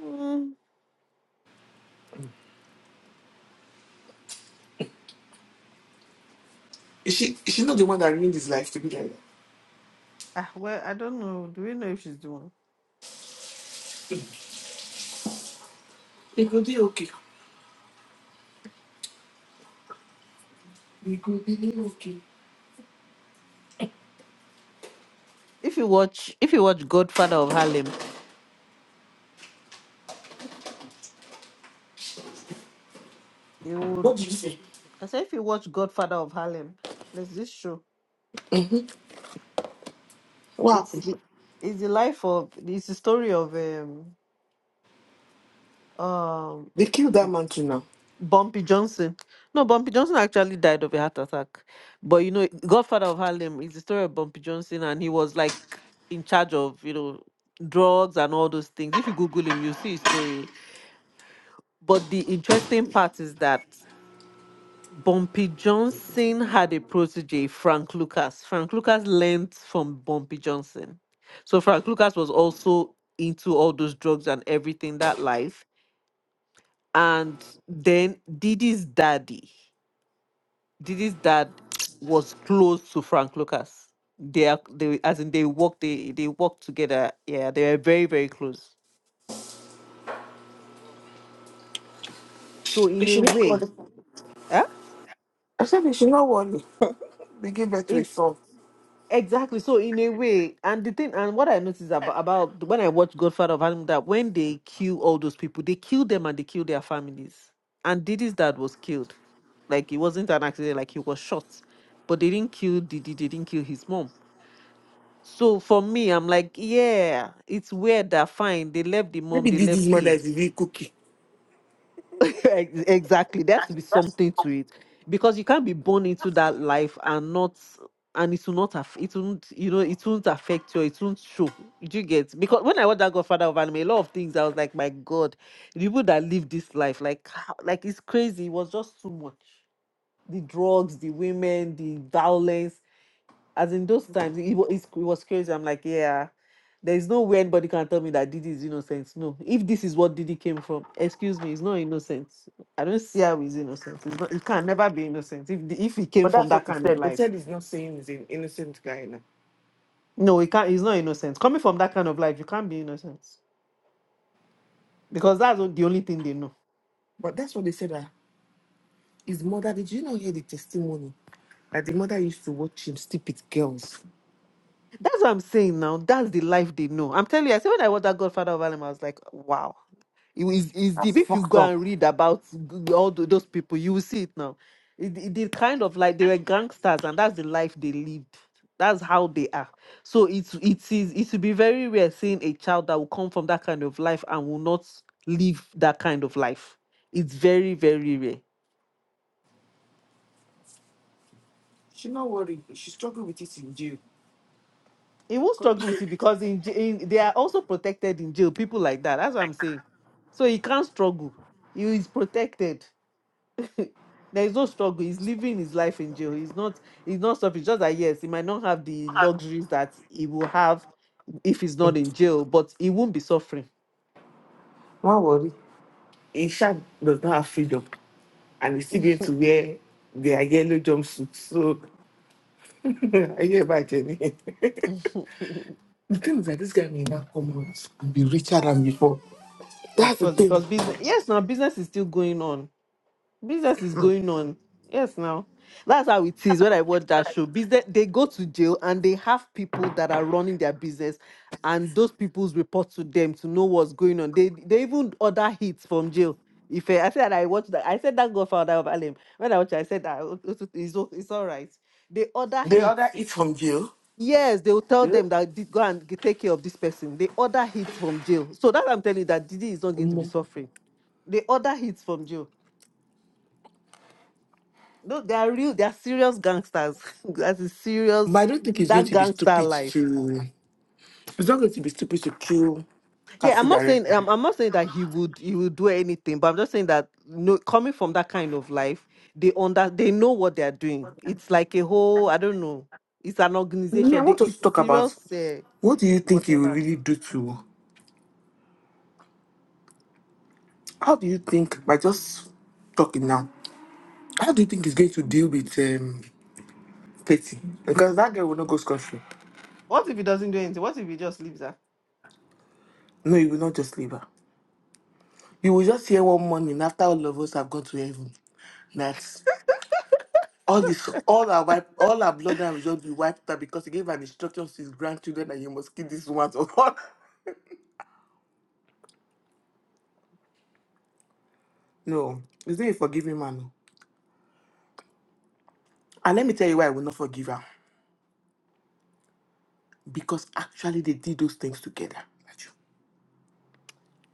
S3: mm,
S1: Is she, is she not the one that ruined his life to be like that?
S3: ah, well, I don't know. Do we know if she's the one?
S1: It could be okay. It could be okay.
S3: If you watch, if you watch Godfather of Harlem, you would.
S1: What did you say?
S3: I said if you watch Godfather of Harlem, there's this show.
S1: What
S3: It's
S1: happened?
S3: the it's the life of it's the story of um um
S1: They killed that man too now.
S3: Bumpy Johnson. No, Bumpy Johnson actually died of a heart attack. But you know, Godfather of Harlem is the story of Bumpy Johnson, and he was like in charge of you know drugs and all those things. If you Google him, you'll see his story. But the interesting part is that Bumpy Johnson had a protege, Frank Lucas. Frank Lucas learned from Bumpy Johnson. So Frank Lucas was also into all those drugs and everything that life. And then Didi's daddy, Didi's dad was close to Frank Lucas. They are they as in they worked they they worked together. Yeah, they were very, very close. So
S1: They
S3: in a
S1: should not
S3: way,
S1: worry.
S3: huh?
S1: I said they should not worry. *laughs* they gave birth to a
S3: in
S1: son.
S3: Exactly. So in a way, and the thing, and what I noticed about about when I watched Godfather of Harlem, that when they kill all those people, they kill them and they kill their families. And Didi's dad was killed, like it wasn't an accident, like he was shot, but they didn't kill Didi, they didn't kill his mom. So for me, I'm like, yeah, it's weird that fine. They left the mom,
S1: Maybe
S3: they
S1: this, this
S3: left
S1: mother
S3: him.
S1: is a real cookie.
S3: Ex- Exactly. There has to
S1: That's-
S3: be something to it because you can't be born into that life and not, and it will not, aff- it won't, you know, it won't affect you. It won't show. Did you get? Because when I watched that Godfather of Anime, a lot of things I was like, my God, the people that live this life, like, how- like it's crazy. It was just too much. The drugs, the women, the violence. As in those times, it, wa- it's- it was crazy. I'm like, yeah, there is no way anybody can tell me that Didi is innocent. No, if this is what Didi came from, excuse me, it's not innocent. I don't see how he's innocent. It's not. It can never be innocent. If the, if he came
S1: But
S3: from
S1: that's what
S3: that
S1: he
S3: kind of
S1: said. They
S3: life,
S1: said he's not saying he's an innocent guy now.
S3: no, he can't. He's not innocent. Coming from that kind of life, you can't be innocent because that's o- the only thing they know.
S1: But that's what they said. Uh, his mother, did you not hear the testimony? That the mother used to watch him sleep with girls.
S3: That's what I'm saying now. That's the life they know. I'm telling you, I said when I watched that Godfather of Harlem, I was like, wow. It is is
S1: That's
S3: deep. If you
S1: fucked
S3: go
S1: up.
S3: and read about g- all tho- those people, you will see it now. It, it did kind of like they were gangsters, and that's the life they lived. That's how they are. So it's it is it will be very rare seeing a child that will come from that kind of life and will not live that kind of life. It's very very rare.
S1: She not worry. She struggle with it in jail.
S3: He will not
S1: *laughs*
S3: struggle with it because in, j- in they are also protected in jail. People like that. That's what I'm saying. So he can't struggle. He is protected. *laughs* there is no struggle. He's living his life in jail. He's not. He's not suffering. Just that yes, he might not have the luxuries that he will have if he's not in jail, but he won't be suffering.
S1: Not worry. Isha does not have freedom. And he's still going to wear their yellow jumpsuit. So, *laughs* I hear about Jenny. *laughs* The thing is that this guy may not come out and be richer than before.
S3: Of
S1: That's the
S3: course,
S1: thing.
S3: because business. Yes, now business is still going on. Business is going on. Yes, now. That's how it is when I watch that show. Business they go to jail and they have people that are running their business and those people's report to them to know what's going on. They they even order hits from jail. If I, I said I watched that, I said that Godfather of Harlem. When I watched, it, I said that oh, oh, it's, o- it's all right. They order
S1: The
S3: hits.
S1: other is from jail.
S3: Yes, they will tell
S1: Yeah.
S3: them that "Di- go and g- take care of this person. They order hits from jail. So that I'm telling you that Didi is not going to be
S1: Um,
S3: suffering. They order hits from jail No, they are real. They are serious gangsters. *laughs* That's a
S1: but
S3: serious
S1: I don't think it's going
S3: that
S1: to be
S3: gangster
S1: stupid
S3: life.
S1: to. It's not going to be stupid to kill
S3: Yeah,
S1: Cassie
S3: I'm not saying
S1: directly.
S3: I'm, I'm not saying that he would he would do anything, but I'm just saying that no, coming from that kind of life, they under they know what they are doing. It's like a whole I don't know. It's an
S1: Me, I
S3: organization. They
S1: want us to
S3: it's
S1: talk about
S3: serious. eh.
S1: what do you think he will really do to. How do you think by just talking now? How do you think he's going to deal with um Petty? Because that girl will not go scot free.
S3: what if he doesn't do anything? What if he just leaves her?
S1: No, he will not just leave her. You will just hear one morning after all of us have gone to heaven. that All this, all our wipe, all our bloodline will just be wiped out because he gave an instruction to his grandchildren that you must kill this woman. So *laughs* no, he's not a forgiving man. oh. And let me tell you why I will not forgive her. Because actually they did those things together. Raju.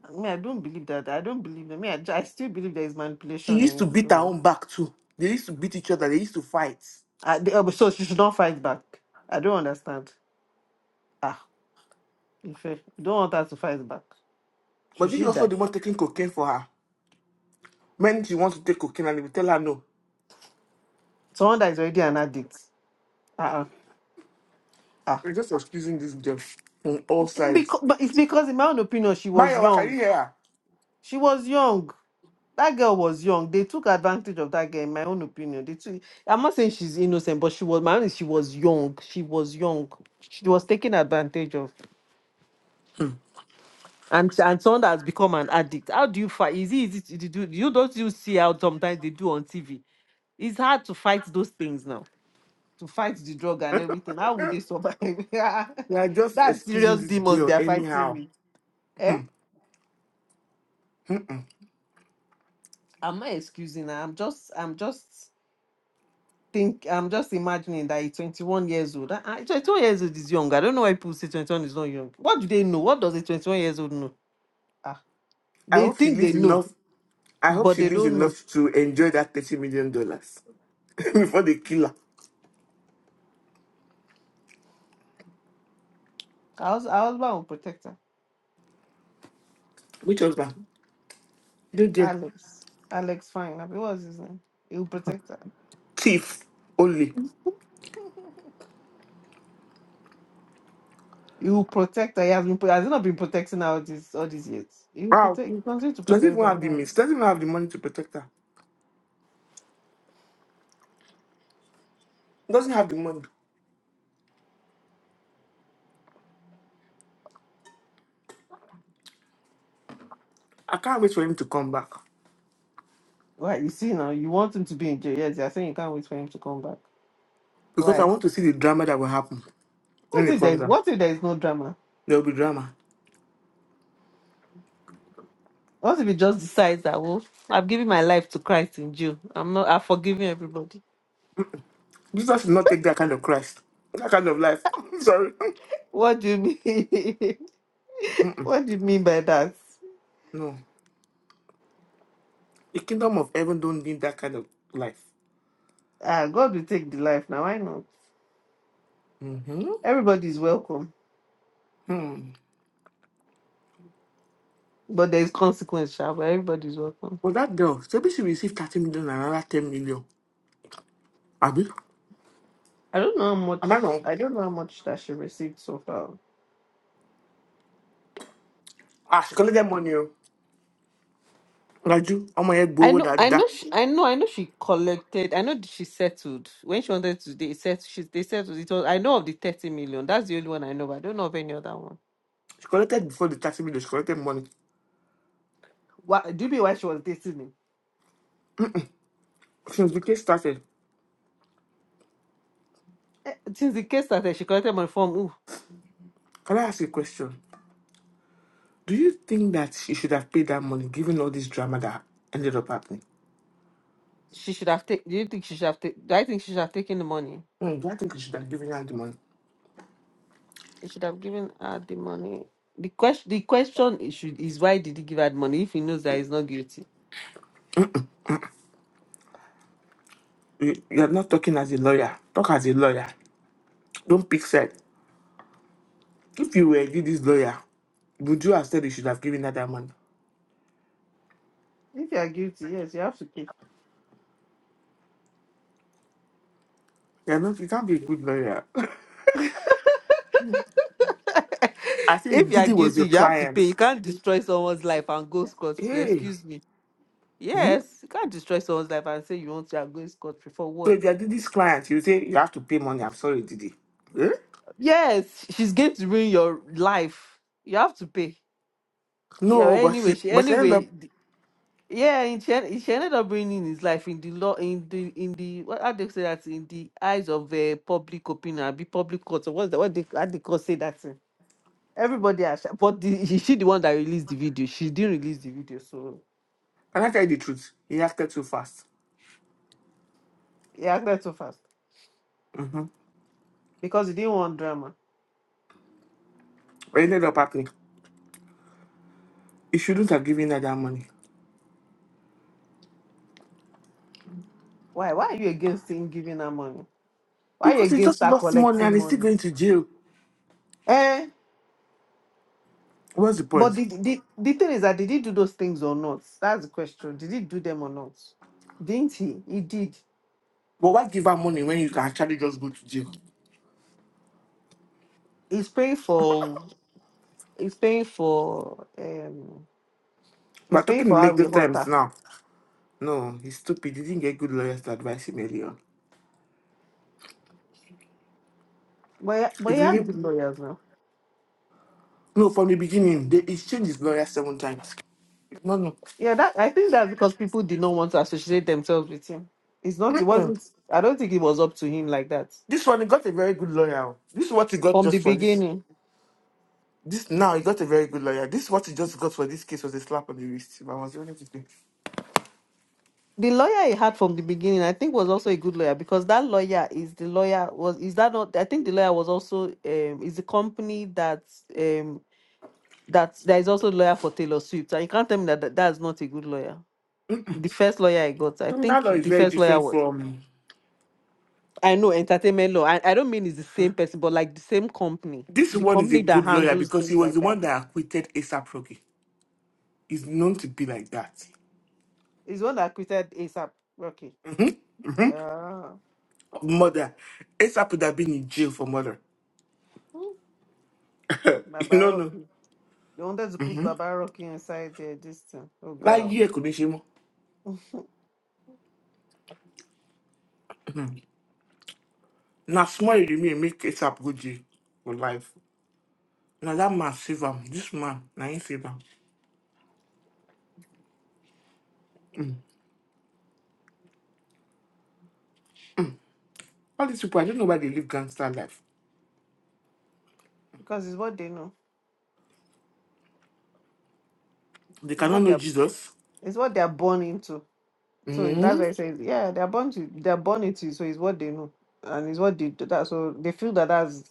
S3: I mean, I don't believe that. I don't believe that. I mean, I, ju- I still believe there is
S1: She
S3: manipulation
S1: used
S3: in
S1: to
S3: it.
S1: beat her
S3: So,
S1: own back too. They used to beat each other. They used to fight.
S3: I, they- uh, so she should not fight back. I don't understand. Ah. Ife, you don't want her to fight back. Should
S1: Was he
S3: she
S1: also
S3: die?
S1: the one taking cocaine for her? When she wants to take cocaine and he will tell her no.
S3: Someone that is already an addict. Uh-uh. Ah.
S1: We're just excusing this girl on all sides.
S3: Because, but it's because, in my own opinion, she was
S1: Mayowa, can you
S3: young.
S1: hear her?
S3: She was young. That girl was young. They took advantage of that girl, in my own opinion. They took, I'm not saying she's innocent, but she was, my own is she was young. She was young. She was taken advantage of. And and someone that has become an addict. How do you fight? Is it easy to do? You don't you see how sometimes they do on TV. It's hard to fight those things now to fight the drug and everything. How would they survive?
S1: We are
S3: *laughs*
S1: just
S3: That's
S1: excusing
S3: serious
S1: this
S3: demons
S1: girl
S3: they are fighting
S1: anyhow.
S3: me. Eh? I'm not excusing her. I'm just I'm just think I'm just imagining that he's 21 years old. Ah, ah, 21 years old is young. I don't know why people say 21 is not young. What do they know? What does a 21 years old know? Ah,
S1: I
S3: they
S1: hope she
S3: think they
S1: lives
S3: know,
S1: enough. I hope
S3: but
S1: she
S3: they
S1: lives
S3: don't know.
S1: enough to enjoy that thirty million *laughs* dollars before they kill her.
S3: Our hus- our husband will protect her.
S1: Which husband? Dead dear.
S3: Alex. Alex, fine. Abi, What's his name? He will protect her.
S1: Thief only.
S3: He will protect her. He has been pro- has he not been protecting her all these all these years? He will
S1: Wow.
S3: protect he continues to
S1: Doesn't
S3: protect
S1: even
S3: her.
S1: have the
S3: Now.
S1: means. Doesn't even have the money to protect her. Doesn't have the money. I can't wait for him to come back
S3: Right, you see now, you want him to be in jail. Yes, you're saying you can't wait for him to come back.
S1: because I
S3: Why?
S1: want to see the drama that will happen when
S3: What
S1: he
S3: if there
S1: comes out.
S3: what if there is no drama?
S1: There will be drama.
S3: What if he just decides that well, I've given my life to Christ in jail. I'm not I've forgiven everybody.
S1: Jesus should not take that kind of Christ, that kind of life. *laughs* I'm sorry. *laughs*
S3: What do you mean? *laughs*
S1: Mm-mm.
S3: what do you mean by that?
S1: No, the kingdom of heaven don't need that kind of life.
S3: Ah, God will take the life now. Why not?
S1: Mm-hmm.
S3: Everybody is welcome.
S1: Hmm.
S3: But there is consequence, sha, but everybody is welcome.
S1: Well, that girl, so maybe she received 30 million and another 10 million. àbí
S3: I don't know how much
S1: àbáná
S3: I don't know how much that she received so far.
S1: ah she collected money o lajú ọmọ yẹn
S3: I
S1: gbowó
S3: know, I
S1: dáadáa
S3: know, she, I know, I know. She collected. I know that she settled when she wanted to. They set. She they settled. It was. I know of the thirty million. That's the only one I know. But I don't know of any other one.
S1: she collected before the taxi. minutes she collected money
S3: Why? Do you mean why she was dating him?
S1: since the case started
S3: Eh, Since the case started, she collected money from who?
S1: can i ask you a question do you think that she should have paid that money given all this drama that ended up happening
S3: She should have taken. Do you think she should have taken? Do I think she should have taken the money?
S1: hmm do i think you should have given her the money
S3: He should have given her the money. The question. The question is should is why did he give her the money if he knows that he's not guilty?
S1: you you are not talking as a lawyer talk as a lawyer don't pick side if you were really this lawyer would you have said you should have given her that money?
S3: If you are guilty, yes, you have to pay.
S1: You are not. you can't be a good lawyer. *laughs* I
S3: *laughs* if
S1: think
S3: you are
S1: Didi was
S3: guilty,
S1: your
S3: you have to
S1: client.
S3: pay. You can't destroy someone's life and go scot free.
S1: Hey.
S3: Excuse me.
S1: Hmm.
S3: Yes, you can't destroy someone's life and say you want to are going scot free for
S1: So
S3: what?
S1: if you're Didi's client, you say you have to pay money. I'm sorry, Didi. Eh?
S3: Yes, she's going to ruin your life. You have to pay. Yeah.
S1: No, but
S3: Anyway,
S1: she
S3: she
S1: but she ended up
S3: anyway. th- Yeah, and she, en- she ended up ruining his life in the law, in the in the what how they say that in the eyes of uh, public opinion, be public court. Or what's the what they how they court say that thing? Everybody, has, but the, *laughs* is she the one that released the video? She didn't release the video, so
S1: and I tell you the truth, he acted too fast.
S3: He acted too fast
S1: Mm-hmm.
S3: because he didn't want drama.
S1: What ended up happening? He shouldn't have given her that money.
S3: Why? Why are you against him giving her money? Why are you
S1: Because he
S3: against
S1: just
S3: her
S1: lost money and
S3: collecting
S1: he's still
S3: money?
S1: going to jail.
S3: Eh?
S1: What's the
S3: But
S1: point?
S3: the, the, the thing is that did he do those things or not? That's the question. Did he do them or not? Didn't he? He did.
S1: But why give her money when you can actually just go to jail?
S3: He's paying for. He's paying for. Um.
S1: We're
S3: He's paying
S1: talking
S3: for
S1: in
S3: how we
S1: legal
S3: hurt
S1: terms
S3: her.
S1: now. No, he's stupid. He didn't get good lawyers to advise him earlier.
S3: But
S1: He
S3: but he had good
S1: didn't
S3: lawyers now.
S1: no, from the beginning, they, he's changed his lawyer seven times. No, no.
S3: Yeah. That I think that's because people did not want to associate themselves with him. It's not. It
S1: Mm-mm.
S3: wasn't. I don't think it was up to him like that
S1: This one, he got a very good lawyer. This is what he got
S3: from the
S1: just for this.
S3: beginning.
S1: This now he got a very good lawyer. This is what he just got for this case was a slap on the wrist. If I was only to say,
S3: the lawyer he had from the beginning, I think, was also a good lawyer because that lawyer is the lawyer was is that not? I think the lawyer was also um is the company that um that there is also a lawyer for Taylor Swift, and you can't tell me that that, that is not a good lawyer. The first lawyer I got, I
S1: criminal
S3: think
S1: law is
S3: the
S1: very
S3: first lawyer
S1: different
S3: was
S1: from
S3: I know entertainment law. I, I don't mean it's the same person, but like the same company,
S1: this
S3: the
S1: one. Is a
S3: company that
S1: good lawyer
S3: handles
S1: because he
S3: things
S1: was
S3: like
S1: the
S3: that
S1: one that acquitted ASAP Rocky. He's known to be like that.
S3: is one that created ASAP Rocky.
S1: hmm hmm
S3: Uh,
S1: Murder. ASAP would have been in jail for murder.
S3: hmm,
S1: *laughs* you
S3: Baba
S1: know no.
S3: Rocky. They wanted to put Baba Rocky inside their this thing. Oh
S1: Like
S3: God.
S1: year could be shame. Now small you mean make ASAP go jail for life. Now that man save him. This man, now he save him. All these people, I don't know why they live gangster life.
S3: Because it's what they know.
S1: They
S3: It's
S1: cannot
S3: what
S1: know
S3: they're
S1: Jesus.
S3: it's what they're born into. So that's
S1: hmm
S3: why I say, yeah, they're born to they're born into it, so it's what they know. And it's what they do that so they feel that that's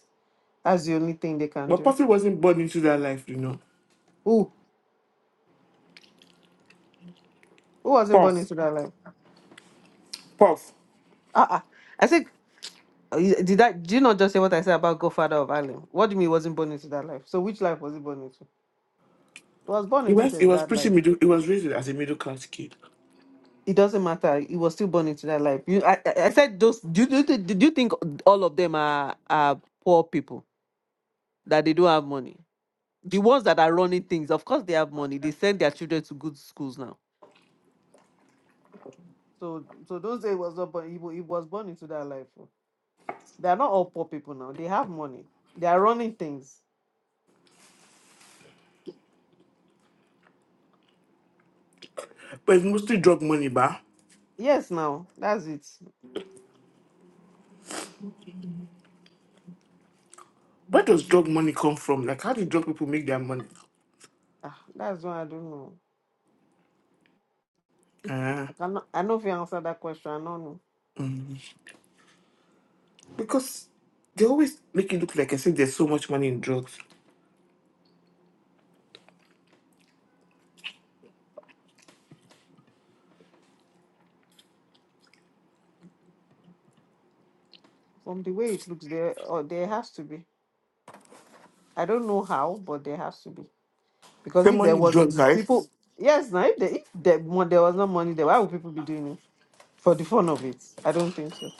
S3: that's the only thing they can
S1: But
S3: do.
S1: Puffy wasn't born into that life, you know.
S3: Who who wasn't born
S1: Puff,
S3: into that life?
S1: Puff.
S3: Uh uh I think uh, you- did I? do you not just say what I said about Godfather of Harlem? What do you mean he wasn't born into that life? So which life was he born into? He was born
S1: He
S3: into
S1: was,
S3: the,
S1: he was
S3: that life.
S1: pretty middle, he was raised as a middle class kid.
S3: it doesn't matter. He was still born into that life. You, I, I I said those. Do, do, do, do you think all of them are are poor people that they don't have money? The ones that are running things, of course, they have money. They send their children to good schools now. So, so those days was not born. He, wa- he was born into that life. oh. They are not all poor people now. They have money. They are running things.
S1: But it's mostly drug money, bah.
S3: Yes, now that's it.
S1: Where does drug money come from? Like, how do drug people make their money?
S3: Ah, that's why I don't know.
S1: Uh,
S3: I cannot. I know if you answer that question. I don't know.
S1: because they always make it look like I said there's so much money in drugs.
S3: From the way it looks, there, or there has to be. I don't know how, but there has to be. Because
S1: So
S3: if there
S1: money in drugs,
S3: wasn't
S1: right?
S3: people, yes, now if there, if there, mo- there was no money there, why would people be doing it for the fun of it? I don't think so.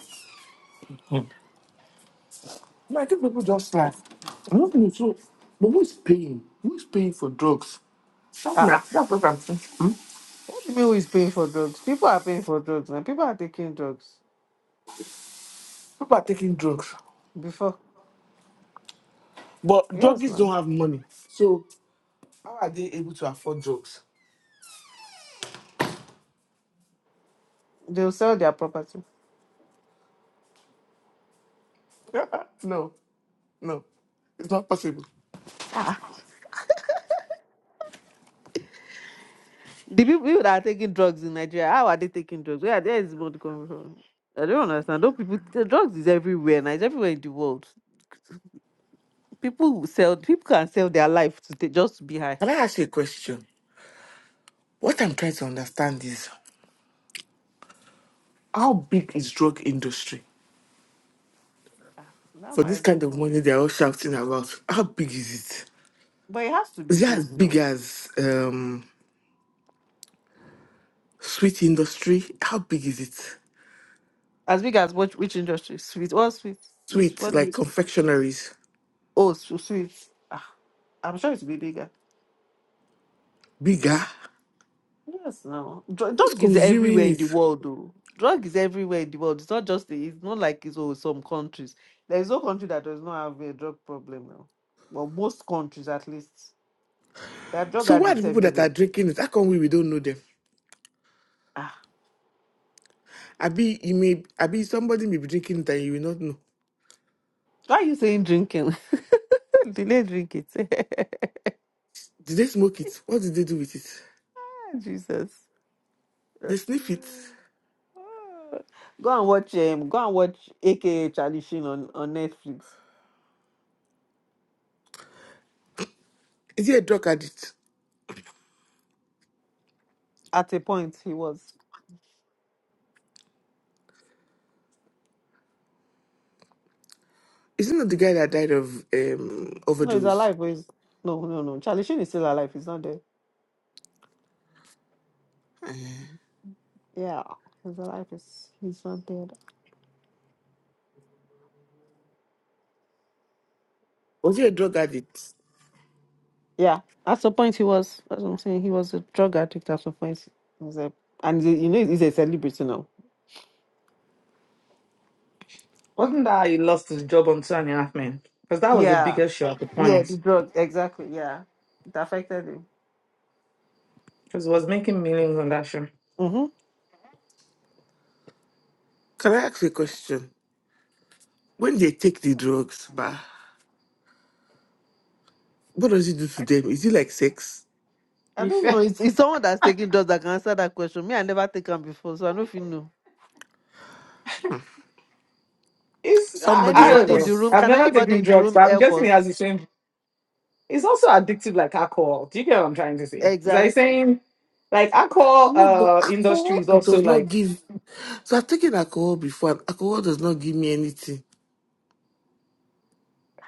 S1: No, I think people just like, I'm not going to so, but who's paying? Who's paying for drugs? That's,
S3: Ah,
S1: my,
S3: uh
S1: that's what I'm thinking.
S3: what do you mean who is paying for drugs? People are paying for drugs now. People are taking drugs
S1: People are taking drugs.
S3: before.
S1: But
S3: Yes,
S1: druggies don't
S3: ma'am.
S1: have money. So how are they able to afford drugs?
S3: They'll sell their property.
S1: *laughs* no, no, it's not possible.
S3: Ah, ah. the people that are taking drugs in Nigeria, how are they taking drugs? Where there is money coming from? I don't understand. Don't people the drugs is everywhere now. It's everywhere in the world. People sell. People can sell their life to ta- just to be high.
S1: Can I ask you a question? What I'm trying to understand is how big is drug industry?
S3: Ah, Now
S1: For
S3: I
S1: this kind
S3: don't
S1: of
S3: know.
S1: money they're all shouting about, how big is it?
S3: But it has to be
S1: Is it as
S3: big, you
S1: big
S3: know.
S1: as um, sweet industry? How big is it?
S3: As big as which which industry? Sweet. What sweet? Which
S1: Sweet,
S3: what do
S1: like
S3: we-
S1: confectionaries,
S3: Oh, so sweet. Ah, I'm sure it will be bigger.
S1: bigger?
S3: Yes, no. Dr-
S1: Who's
S3: drug is
S1: consuming
S3: everywhere in
S1: it?
S3: the world, though. Drug is everywhere in the world. It's not just the, it's not like it's all some countries. There is no country that does not have a drug problem now. Well, most countries at least. There are drug
S1: So why are the
S3: addicts
S1: people that are
S3: everywhere.
S1: drinking it? How come we, we don't know them?
S3: Ah,
S1: Abi, you may, Abi, somebody may be drinking it and you will not know.
S3: why are you saying drinking? *laughs* Delay drink it.
S1: Did they smoke it? What did they do with it?
S3: *laughs* Jesus.
S1: They sniff it.
S3: Go and watch um go and watch AKA Charlie Sheen on, on Netflix.
S1: Is he a drug addict?
S3: At a point he was
S1: Is he not the guy that died of um,
S3: no, he's
S1: overdose?
S3: alive, but he's no no no. Charlie Sheen is still alive, he's not dead. Yeah. He's alive, he's he's not dead.
S1: Was he a drug addict?
S3: Yeah. At some point he was that's what I'm saying, he was a drug addict at some point. He was a, and he- you know he's a celebrity now.
S2: Wasn't that how he lost his job on Two and a Half Men? Because that was the
S3: Yeah.
S2: biggest show at the
S3: Yeah,
S2: point.
S3: the drug, exactly, yeah. It affected him.
S2: Because he was making millions on that show.
S3: Mm-hmm.
S1: Can I ask you a question? When they take the drugs, bah, what does it do to them? Is it like sex?
S3: I
S2: He
S3: don't
S2: fe-
S3: know. It's, it's someone that's taking drugs that can answer that question. Me, I never take them before, so I don't feel no.
S2: It's,
S3: Can
S2: I,
S1: Somebody
S2: I don't
S1: help
S3: anybody in
S2: know.
S3: the
S1: us.
S3: room?
S2: I've
S3: Can
S2: never
S3: anybody
S2: taken
S3: in the
S2: drugs,
S3: room
S2: but I'm
S3: help
S2: guessing he has the
S3: us?
S2: same. It's also addictive like alcohol. Do you get what I'm trying to say? It's like
S3: Exactly.
S2: saying, like, alcohol
S1: No, but
S2: uh, industry
S1: alcohol
S2: is also
S1: does not
S2: like,
S1: give. So I've taken alcohol before, and alcohol does not give me anything.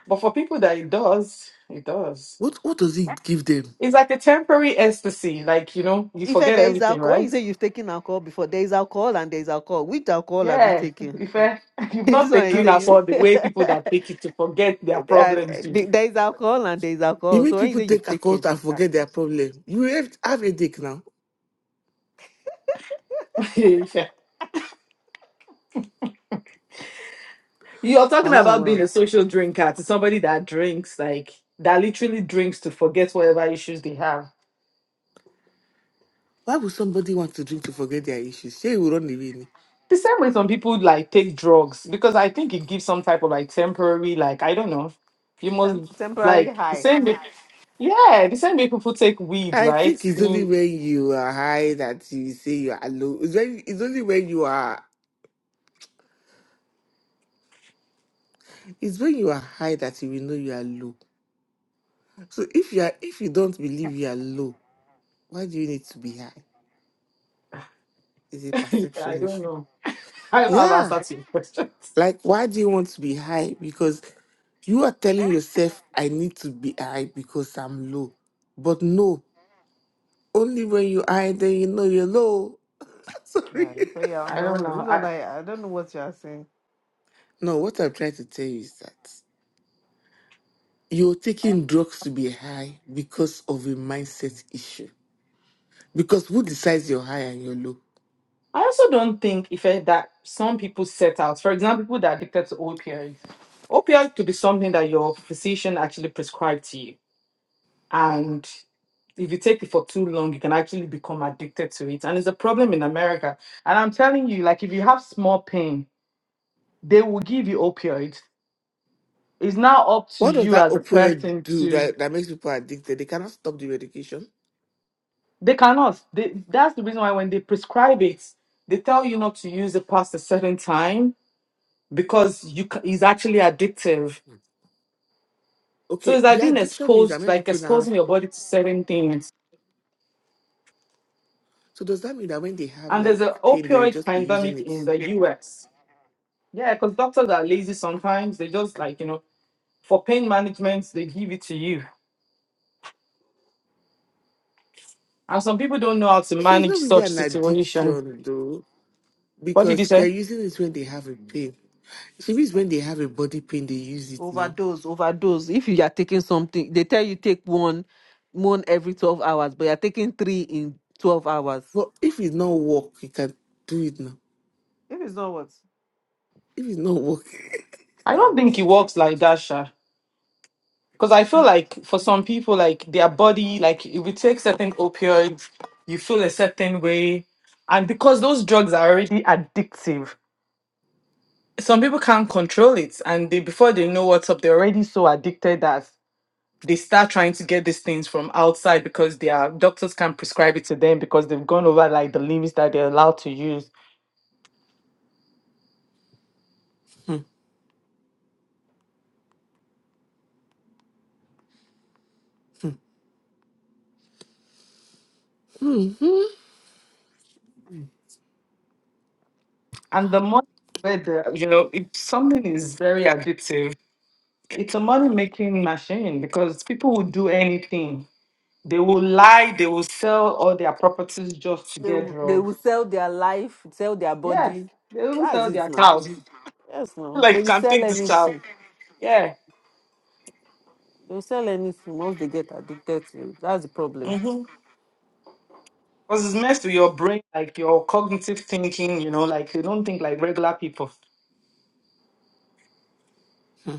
S2: but for people that it does, it does.
S1: What What does it give them?
S2: It's like a temporary ecstasy, like you know, you
S3: If
S2: forget
S3: there is
S2: everything,
S3: alcohol, when you
S2: right?
S3: say you've taken alcohol before, there is alcohol and there is alcohol. Which alcohol have you
S2: Yeah,
S3: taken?
S2: if eh, *laughs*
S3: *laughs*
S2: you've
S3: this
S2: not
S3: one you
S2: taken
S3: say
S2: as all
S3: you.
S2: the
S3: *laughs*
S2: way people that take it to forget their
S3: Uh,
S2: problems do.
S3: there is alcohol and there is
S1: You
S3: alcohol.
S1: make
S3: So when you
S1: people
S3: say
S1: take
S3: you've
S1: a
S3: taken,
S1: cold and
S3: ah,
S1: forget their problem. You have, have a dick now.
S2: *laughs* You're talking
S1: Allah,
S2: about
S1: wow.
S2: being a social drinker to somebody that drinks, like that literally drinks to forget whatever issues they have.
S1: Why would somebody want to drink to forget their issues? Say you will run away. ni.
S2: The same way some people like take drugs because I think it gives some type of like temporary, like I don't know, you must
S3: Temp- temporary
S2: like the
S3: high.
S2: same. way- Yeah, the same way people take weed,
S1: I
S2: right?
S1: think it's only
S2: Mm,
S1: when you are high that you say you are low. It's, when, it's only when you are it's when you are high that you will know you are low. So if you are if you don't believe you are low, why do you need to be high? It's a
S2: *laughs* I
S1: perception
S2: don't
S1: issue.
S2: know. I don't have
S1: Yeah.
S2: answer to your questions.
S1: Like, why do you want to be high? Because you are telling yourself, I need to be high because I'm low. But no, only when you're high, then you know you're low. *laughs* Sorry.
S3: Yeah, you say you're
S2: *laughs*
S3: on
S2: I
S3: your
S2: don't
S3: own.
S2: know.
S3: This one
S2: I
S3: I, I don't know what you are saying.
S1: no, what I'm trying to tell you is that you're taking drugs to be high because of a mindset issue. Because who decides you're high and you're low?
S2: I also don't think if eh, that some people set out, for example, people that are addicted to opioids, opioid could be something that your physician actually prescribed to you, and if you take it for too long, you can actually become addicted to it, and it's a problem in America. And I'm telling you, like if you have small pain, they will give you opioids. It's now up to
S1: What does
S2: you
S1: that
S2: as a
S1: opioid
S2: person
S1: do
S2: to
S1: that, that makes people addicted? They cannot stop the medication.
S2: They cannot. They, that's the reason why when they prescribe it, they tell you not to use it past a certain time because you ca- it's actually addictive. So
S1: Okay,
S2: it's like
S1: the
S2: being
S1: addiction means that
S2: exposed,
S1: many
S2: like
S1: people now have.
S2: exposing your body to certain things.
S1: So does that mean that when they have
S2: And there's
S1: like
S2: an
S1: pain, they will
S2: opioid
S1: just be using
S2: pandemic
S1: it?
S2: in the US. Yeah, because doctors are lazy sometimes. They just like, you know, for pain management, they give it to you. And some people don't know how to
S1: So it's
S2: manage
S1: not really
S2: such
S1: an
S2: situation.
S1: addiction though,
S2: What did you
S1: because they're
S2: say?
S1: using it when they have a pain. She means when they have a body pain, they use it now.
S3: Overdose, overdose. If you are taking something, they tell you take one, one every twelve hours, but you're taking three in twelve hours.
S1: But if it's not work, you can do it now.
S3: If it's not what?
S1: If it's not work,
S2: I
S3: Uh,
S2: don't think it works like that, Sha. Because I feel
S3: they
S2: like for some people, like their body, like if you take certain opioids, you feel a certain way. And because those drugs are already addictive, some people can't control it. And they before they know what's up, they're already so addicted that they start trying to get these things from outside because their doctors can't prescribe it to them because they've gone over like the limits that they're allowed to use.
S1: *laughs* Hmm,
S2: And the money where the you know, if something is very addictive, it's a money making machine because people will do anything They will lie, they will sell all their properties just to get
S3: will- they
S2: drugs.
S3: will sell their life, sell their
S2: Yes,
S3: body.
S2: they will
S3: That's
S2: sell
S3: it
S2: their
S3: now.
S2: cows.
S3: Yes,
S2: *laughs*
S3: now
S2: like, you
S3: they will
S2: can
S3: sell
S2: take this child.
S3: anything.
S2: Yeah.
S3: They will sell anything once they get addicted to it. That's the problem.
S2: Mm-hmm. Because it's messed with your brain, like your cognitive thinking, you know, like they don't think like regular people.
S1: hmm.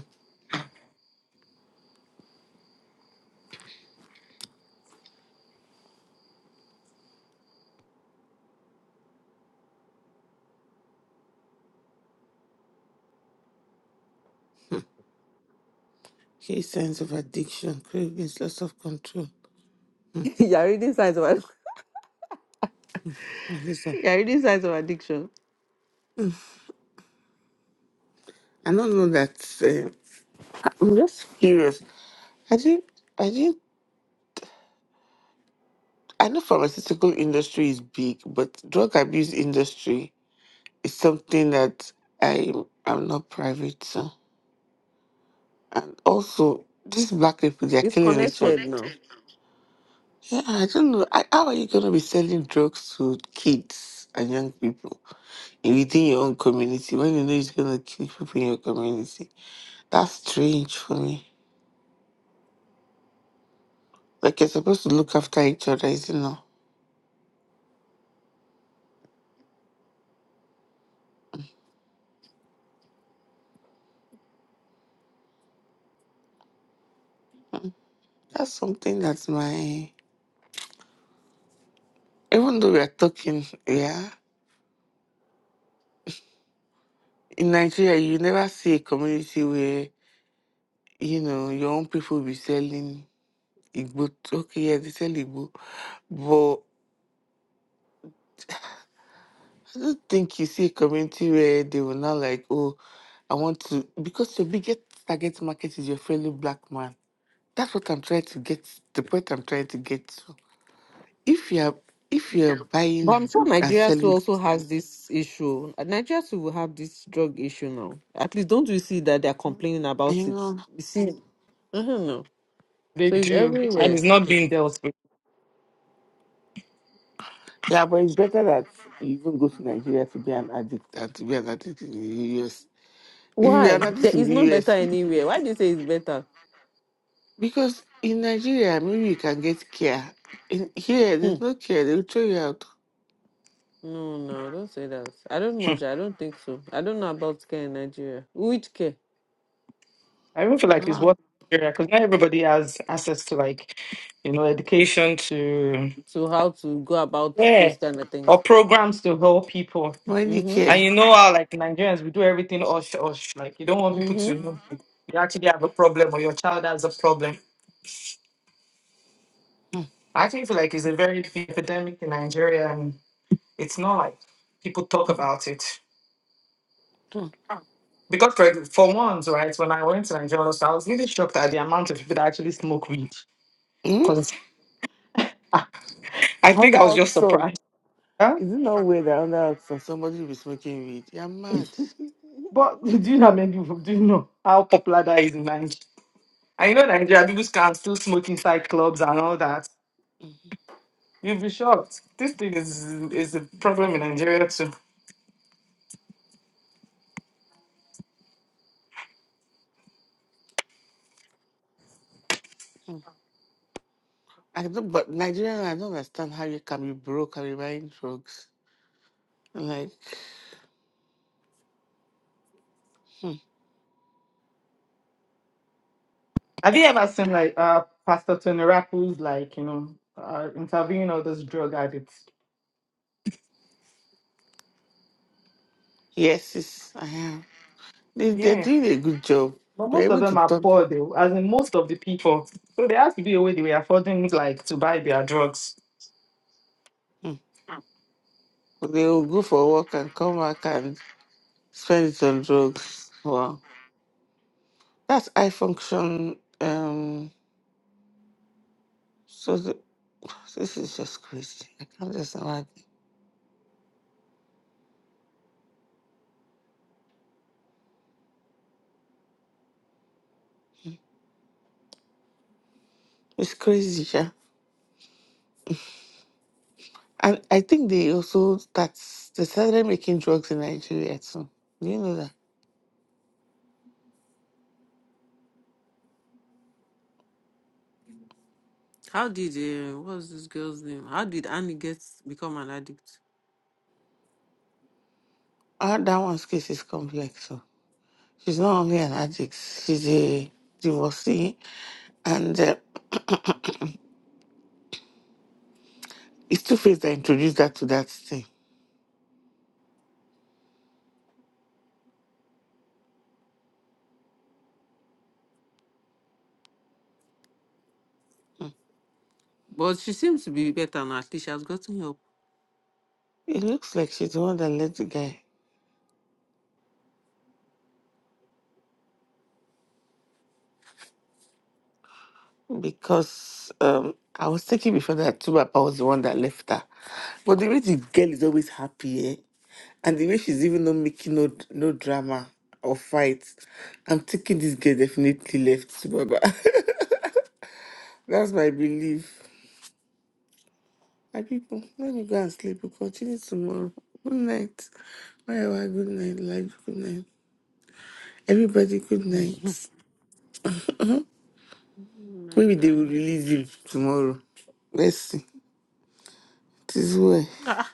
S1: okay, signs of addiction, cravings, loss of control.
S3: *laughs* You're reading signs of ad-
S1: Oh,
S3: *laughs*
S1: Listen,
S3: you're reading signs of addiction.
S1: I don't know that. Uh, I'm just curious. I did I did I know pharmaceutical industry is big, but drug abuse industry is something that I am not private to. And also, these black people, they're
S3: It's
S1: killing each other.
S3: connected now.
S1: Yeah, I don't know. I, how are you going to be selling drugs to kids and young people in- within your own community when you know it's going to kill people in your community? That's strange for me. Like, you're supposed to look after each other, isn't it? That's something that's my. Even though we are talking, yeah, in Nigeria, you never see a community where, you know, your own people be selling Igbo. Okay, yeah, they sell Igbo. I don't think you see a community where they will not like, oh, I want to because your biggest target market is your fellow black man. That's what I'm trying to get. The point I'm trying to get to. If you're if you're
S3: But
S1: buying
S3: I'm sure
S1: and
S3: Nigeria too
S1: selling,
S3: also has this issue. Nigeria too will have this drug issue now. At least don't you see that they're complaining
S1: I
S3: about it?
S1: know.
S3: You see, I don't know.
S2: They
S3: So it's
S2: do. And
S3: everywhere.
S2: it's not being dealt with.
S1: Yeah, but it's better that you even go to Nigeria to be an addict than to be an addict in the US. If you're an
S3: Why? There
S1: addict in
S3: is no
S1: the
S3: better
S1: US,
S3: anywhere. Why do you say it's better?
S1: because in Nigeria maybe you can get care. In here,
S3: Hmm.
S1: there's no care. They'll throw you out.
S3: No, no, don't say that. I don't know. sha. I don't think so. I don't know about care in Nigeria. Which care?
S2: I even feel like it's
S1: Ah,
S2: what area, because not everybody has access to like, you know, education to
S3: To how to go about
S2: yeah.
S3: those kind of
S2: Or
S3: things.
S2: programs to help people.
S1: Money
S3: Mm-hmm.
S1: care.
S2: And you know how, like Nigerians, we do everything hush hush. Like you don't want people to
S3: Mm-hmm.
S2: know you actually have a problem or your child has a problem.
S1: Hmm,
S2: I actually feel like it's a very big epidemic in Nigeria, and it's not like people talk about it.
S1: hmm.
S2: Because for, for once, right, when I went to Nigeria, I was really shocked at the amount of people that actually smoke weed.
S1: Hmm?
S2: Because I think
S1: Under
S2: I was
S1: out
S2: just
S1: sun.
S2: surprised. Huh?
S1: Is it not weird that under out sun somebody will be smoking weed? You're mad.
S2: But *laughs* do you know, how
S3: *laughs*
S2: many people- do you know how popular that is in Nigeria? And you know, Nigeria people can still smoke inside clubs and all that. You'll be shocked. This thing is is a problem in Nigeria too.
S1: hmm I don't, but Nigerian, I don't understand how you can be broke and be buying drugs. Like, hmm.
S2: Have you ever seen like uh Pastor Tony Raku's like you know uh, interviewing all those drug addicts?
S1: yes, yes, I am. They, they're
S2: Yeah,
S1: doing a good job.
S2: but
S1: They're
S2: most of
S1: able to
S2: them are
S1: talk.
S2: poor though, as in most of the people. So there has to be a way they were affording like to buy their drugs.
S1: Hmm. They'll go for work and come back and spend it on drugs. Wow. That's high function. Um, so the, *sighs* this is just crazy. I can't just imagine. It's crazy, yeah. I, I think they also that's they started making drugs in Nigeria too. Do you know that?
S3: how did uh, what's this girl's name? How did Annie get become an addict?
S1: Ah, that one's case is complex. So she's not only an addict, she's a divorcee, and uh, *coughs* *clears throat* it's Two Face that introduced that to that thing.
S3: But she seems to be better now. At least she has gotten help.
S1: It looks like she's the one that led the guy. because um, I was taking before that Tubapa was the one that left her. But the way the girl is always happy, eh? and the way she's even not making no no drama or fights, I'm thinking this girl definitely left Tubapa. *laughs* That's my belief. My people, let me go and sleep. We'll continue tomorrow. Good night. Wherever, good night, life, good night. Everybody, good night.
S3: Mm,
S1: Maybe they will
S3: Nigeria.
S1: release him tomorrow. Let's see. It is well.
S3: Ah,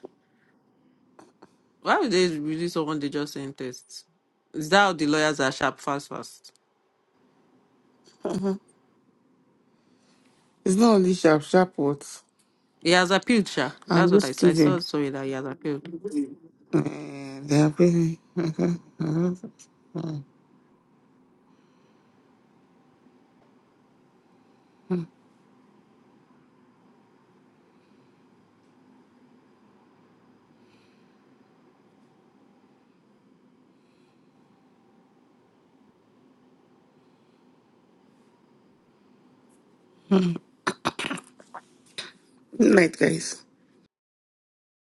S3: why would they release someone they just sent tests? Is that how the lawyers are sharp fast fast?
S1: It's not only sharp, sharp words.
S3: He has appealed, sha.
S1: I'm
S3: That's what I
S1: just
S3: saw. I
S1: kidding.
S3: saw sorry that he has appealed.
S1: Uh, they're very- *laughs* Night, guys.